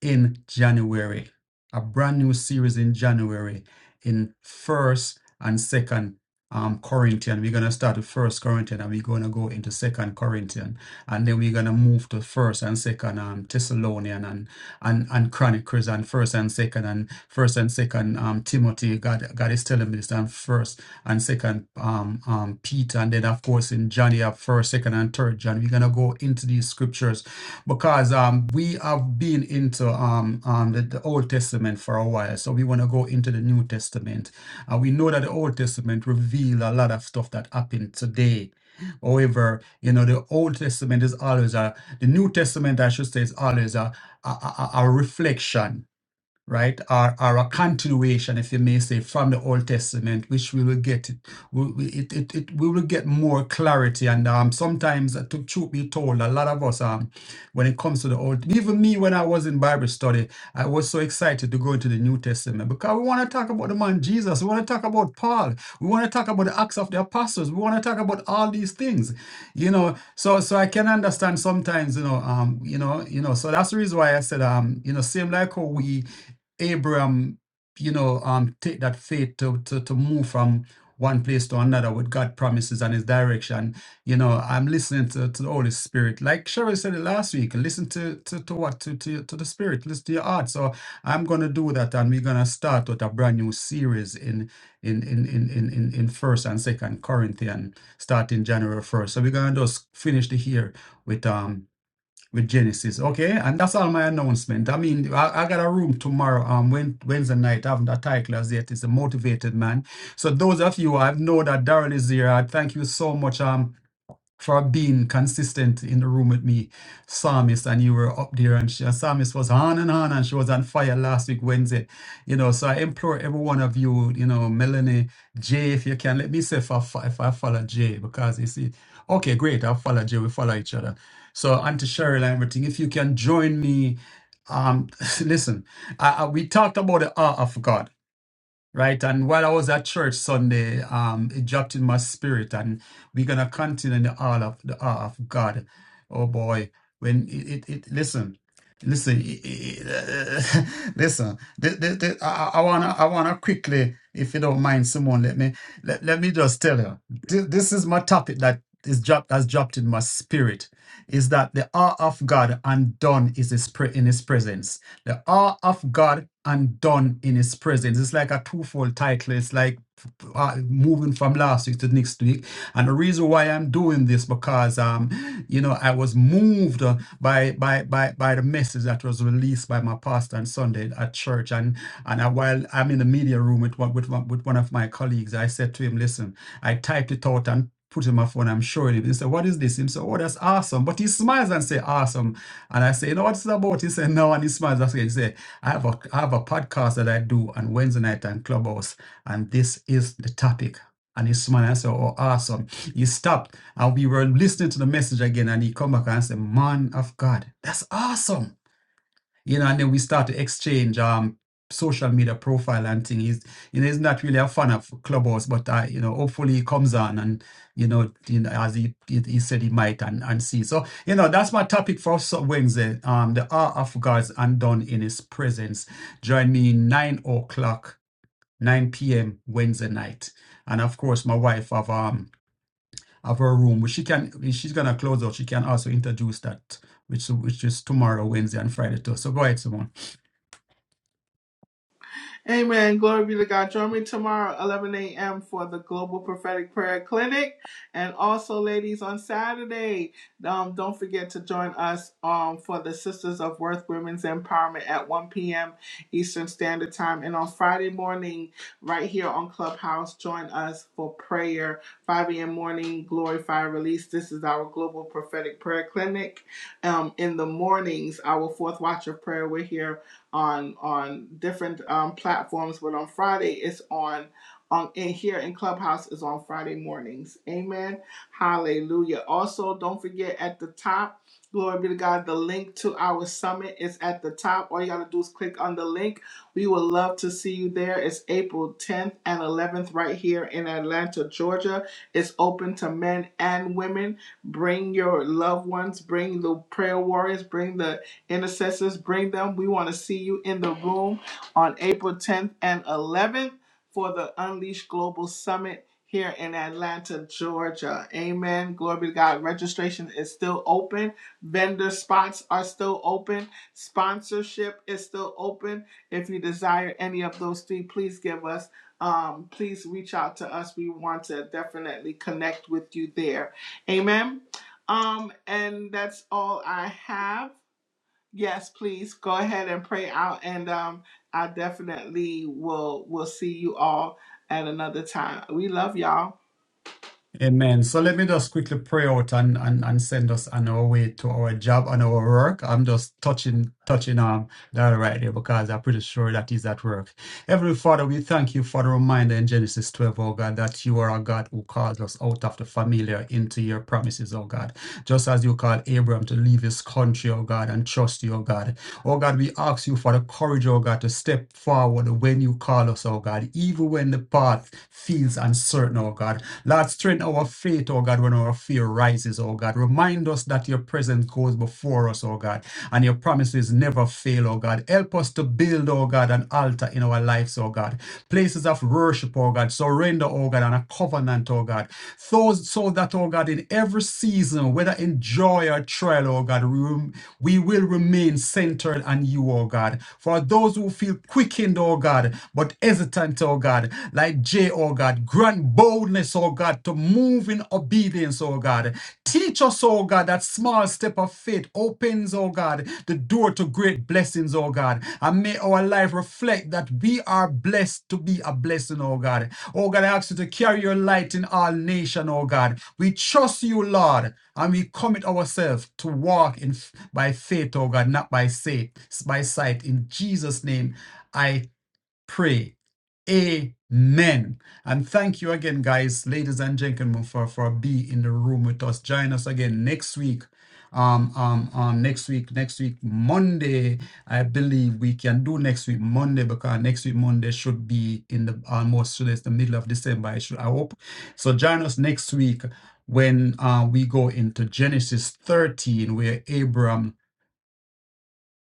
Speaker 2: in January, a brand new series in January in first and second um Corinthian. We're gonna start with first Corinthians, and we're gonna go into second Corinthians, and then we're gonna move to first and second um Thessalonian and and and Chronicles and first and second and first and second um Timothy. God God is telling me this and first and second um um Peter and then of course in John you have first, second and third John. We're gonna go into these scriptures because um, we have been into um, um, the, the Old Testament for a while, so we want to go into the New Testament. Uh, we know that the Old Testament reveals a lot of stuff that happened today. However, you know the Old Testament is always a the New Testament, I should say, is always a a, a, a reflection right, are, are a continuation, if you may say, from the Old Testament, which we will get it. We, we- it, it, it, we will get more clarity. And um, sometimes, uh, to truth be told, a lot of us, um, when it comes to the Old, even me, when I was in Bible study, I was so excited to go into the New Testament because we want to talk about the man Jesus. We want to talk about Paul. We want to talk about the Acts of the Apostles. We want to talk about all these things, you know. So, so I can understand sometimes, you know, um, you know, you know. So that's the reason why I said, um, you know, same like how we Abraham, you know, um, take that faith to, to, to move from one place to another with God promises and his direction. You know, I'm listening to, to the Holy Spirit. Like Cheryl said it last week, listen to, to, to what? To, to, to the Spirit, listen to your heart. So I'm going to do that and we're going to start with a brand new series in in in in in in, in first and second Corinthians, starting January 1st. So we're going to just finish the year with um with Genesis. Okay, and that's all my announcement. I mean, I, I got a room tomorrow, um, Wed- Wednesday night. I haven't a title as yet. It's a motivated man. So those of you I know that Daryl is here. I thank you so much. Um, for being consistent in the room with me, Psalmist, and you were up there, and she, and Psalmist was on and on, and she was on fire last week, Wednesday. You know, so I implore every one of you, you know, Melanie, Jay, if you can, let me say if I, fo- if I follow Jay, because you see, okay, great, I'll follow Jay, we follow each other. So, Auntie Cheryl and everything, if you can join me, um, listen, I, I, we talked about the art of God. Right. And while I was at church Sunday, um, it dropped in my spirit, and we're gonna continue in the awe of the awe of God. Oh boy, when it, it, it listen, listen, it- it- listen. The, the, the, I, I wanna, I wanna quickly, if you don't mind, someone let me, let, let me just tell you. Th- This is my topic that is dropped, has dropped in my spirit, is that the awe of God undone is his pre- in His presence the awe of God undone in His presence. It's like a twofold title. It's like uh, moving from last week to next week. And the reason why I'm doing this because um, you know, I was moved uh, by by by by the message that was released by my pastor on Sunday at church. And and I, while I'm in the media room with one with one with one of my colleagues, I said to him, "Listen, I typed it out and." Put in my phone, I'm showing him. He said, What is this? He said, Oh, that's awesome. But he smiles and say, Awesome and I say, you know what this is about? He said, no. And he smiles. That's what he said. I have a I have a podcast that I do on Wednesday night on Clubhouse, and this is the topic. And he smiled and I said, Oh, awesome. He stopped and we were listening to the message again. And he come back and said, Man of God, that's awesome you know, and then we start to exchange um social media profile and thing. He's you know he's not really a fan of Clubhouse, but I you know hopefully he comes on and you know, you know as he, he he said he might and and see. So you know that's my topic for Wednesday. Um, the art of God's undone in His presence. Join me nine o'clock, nine p.m. Wednesday night, and of course my wife of um of her room, which she can, if she's gonna close out, she can also introduce that, which which is tomorrow, Wednesday and Friday too. So go ahead, Simone.
Speaker 1: Amen. Glory be to God. Join me tomorrow, 11 a.m., for the Global Prophetic Prayer Clinic. And also, ladies, on Saturday, um, don't forget to join us um, for the Sisters of Worth Women's Empowerment at 1 p.m. Eastern Standard Time. And on Friday morning, right here on Clubhouse, join us for prayer, 5 a.m. morning, Glory Fire Release. This is our Global Prophetic Prayer Clinic. Um, in the mornings, our fourth watch of prayer, we're here on on different um, platforms, but on Friday it's on on in here in Clubhouse is on Friday mornings. Amen. Hallelujah. Also, don't forget at the top, glory be to God, the link to our summit is at the top. All you gotta do is click on the link. We would love to see you there. It's April 10th and 11th right here in Atlanta, Georgia. It's open to men and women. Bring your loved ones, bring the prayer warriors, bring the Intercessors, bring them. We want to see you in the room on April 10th and 11th for the Unleashed Global Summit here in Atlanta, Georgia. Amen. Glory to God. Registration is still open. Vendor spots are still open. Sponsorship is still open. If you desire any of those three, please give us. Um, please reach out to us. We want to definitely connect with you there. Amen. Um, and that's all I have. Yes, please go ahead and pray out, and um, I definitely will will see you all at another time. We love y'all.
Speaker 2: Amen. So let me just quickly pray out and, and, and send us on our way to our job and our work. I'm just touching touching um that right there because I'm pretty sure that is at work. Heavenly Father, we thank you for the reminder in Genesis 12, O God, that you are a God who calls us out of the familiar into your promises, oh God. Just as you called Abraham to leave his country, oh God, and trust you, oh God. Oh God, we ask you for the courage, oh God, to step forward when you call us, oh God, even when the path feels uncertain, oh God. Lord, strengthen our faith, oh God, when our fear rises, oh God. Remind us that your presence goes before us, oh God and your promises never fail, oh God. Help us to build, oh God, an altar in our lives, oh God. Places of worship, oh God, surrender, oh God, and a covenant, oh God. So, so that, oh God, in every season, whether in joy or trial, oh God, we, we will remain centered on you, oh God. For those who feel quickened, oh God, but hesitant, oh God, like J, oh God, grant boldness, oh God, to to move in obedience, oh God. Teach us, oh God, that small step of faith opens, oh God, the door to great blessings, oh God. And may our life reflect that we are blessed to be a blessing, oh God. Oh God, I ask you to carry your light in all nations, oh God. We trust you, Lord, and we commit ourselves to walk in by faith, oh God, not by sight, by sight. In Jesus' name, I pray. Amen. And thank you again, guys, ladies and gentlemen, for, for being in the room with us. Join us again next week. Um, um, um, next week, next week, Monday, I believe we can do next week, Monday, because next week, Monday should be in the almost so it's the middle of December, I should, I hope. So join us next week when uh, we go into Genesis 13, where Abram,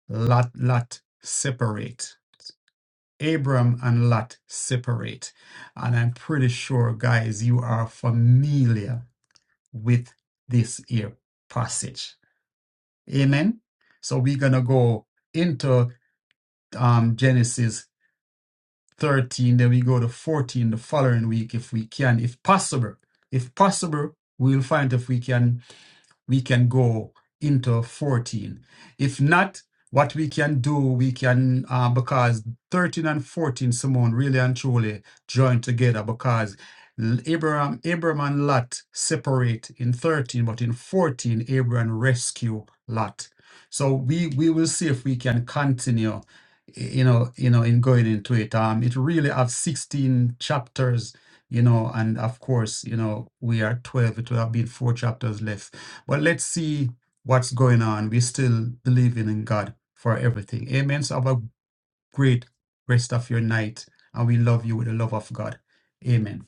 Speaker 2: Lot, Lot separate. Abram and Lot separate. And I'm pretty sure, guys, you are familiar with this here passage. Amen. So we're going to go into um, Genesis 13, then we go to 14 the following week if we can, if possible. If possible, we'll find if we can we can go into 14. If not, what we can do, we can, uh, because 13 and 14, Simone, really and truly join together because Abraham, Abraham and Lot separate in 13, but in 14, Abraham rescue Lot. So we, we will see if we can continue, you know, you know, in going into it. Um, it really have 16 chapters you know, and of course, you know, we are 12, it will have been four chapters left but let's see what's going on. We're still believing in God for everything. Amen. So have a great rest of your night. And we love you with the love of God. Amen.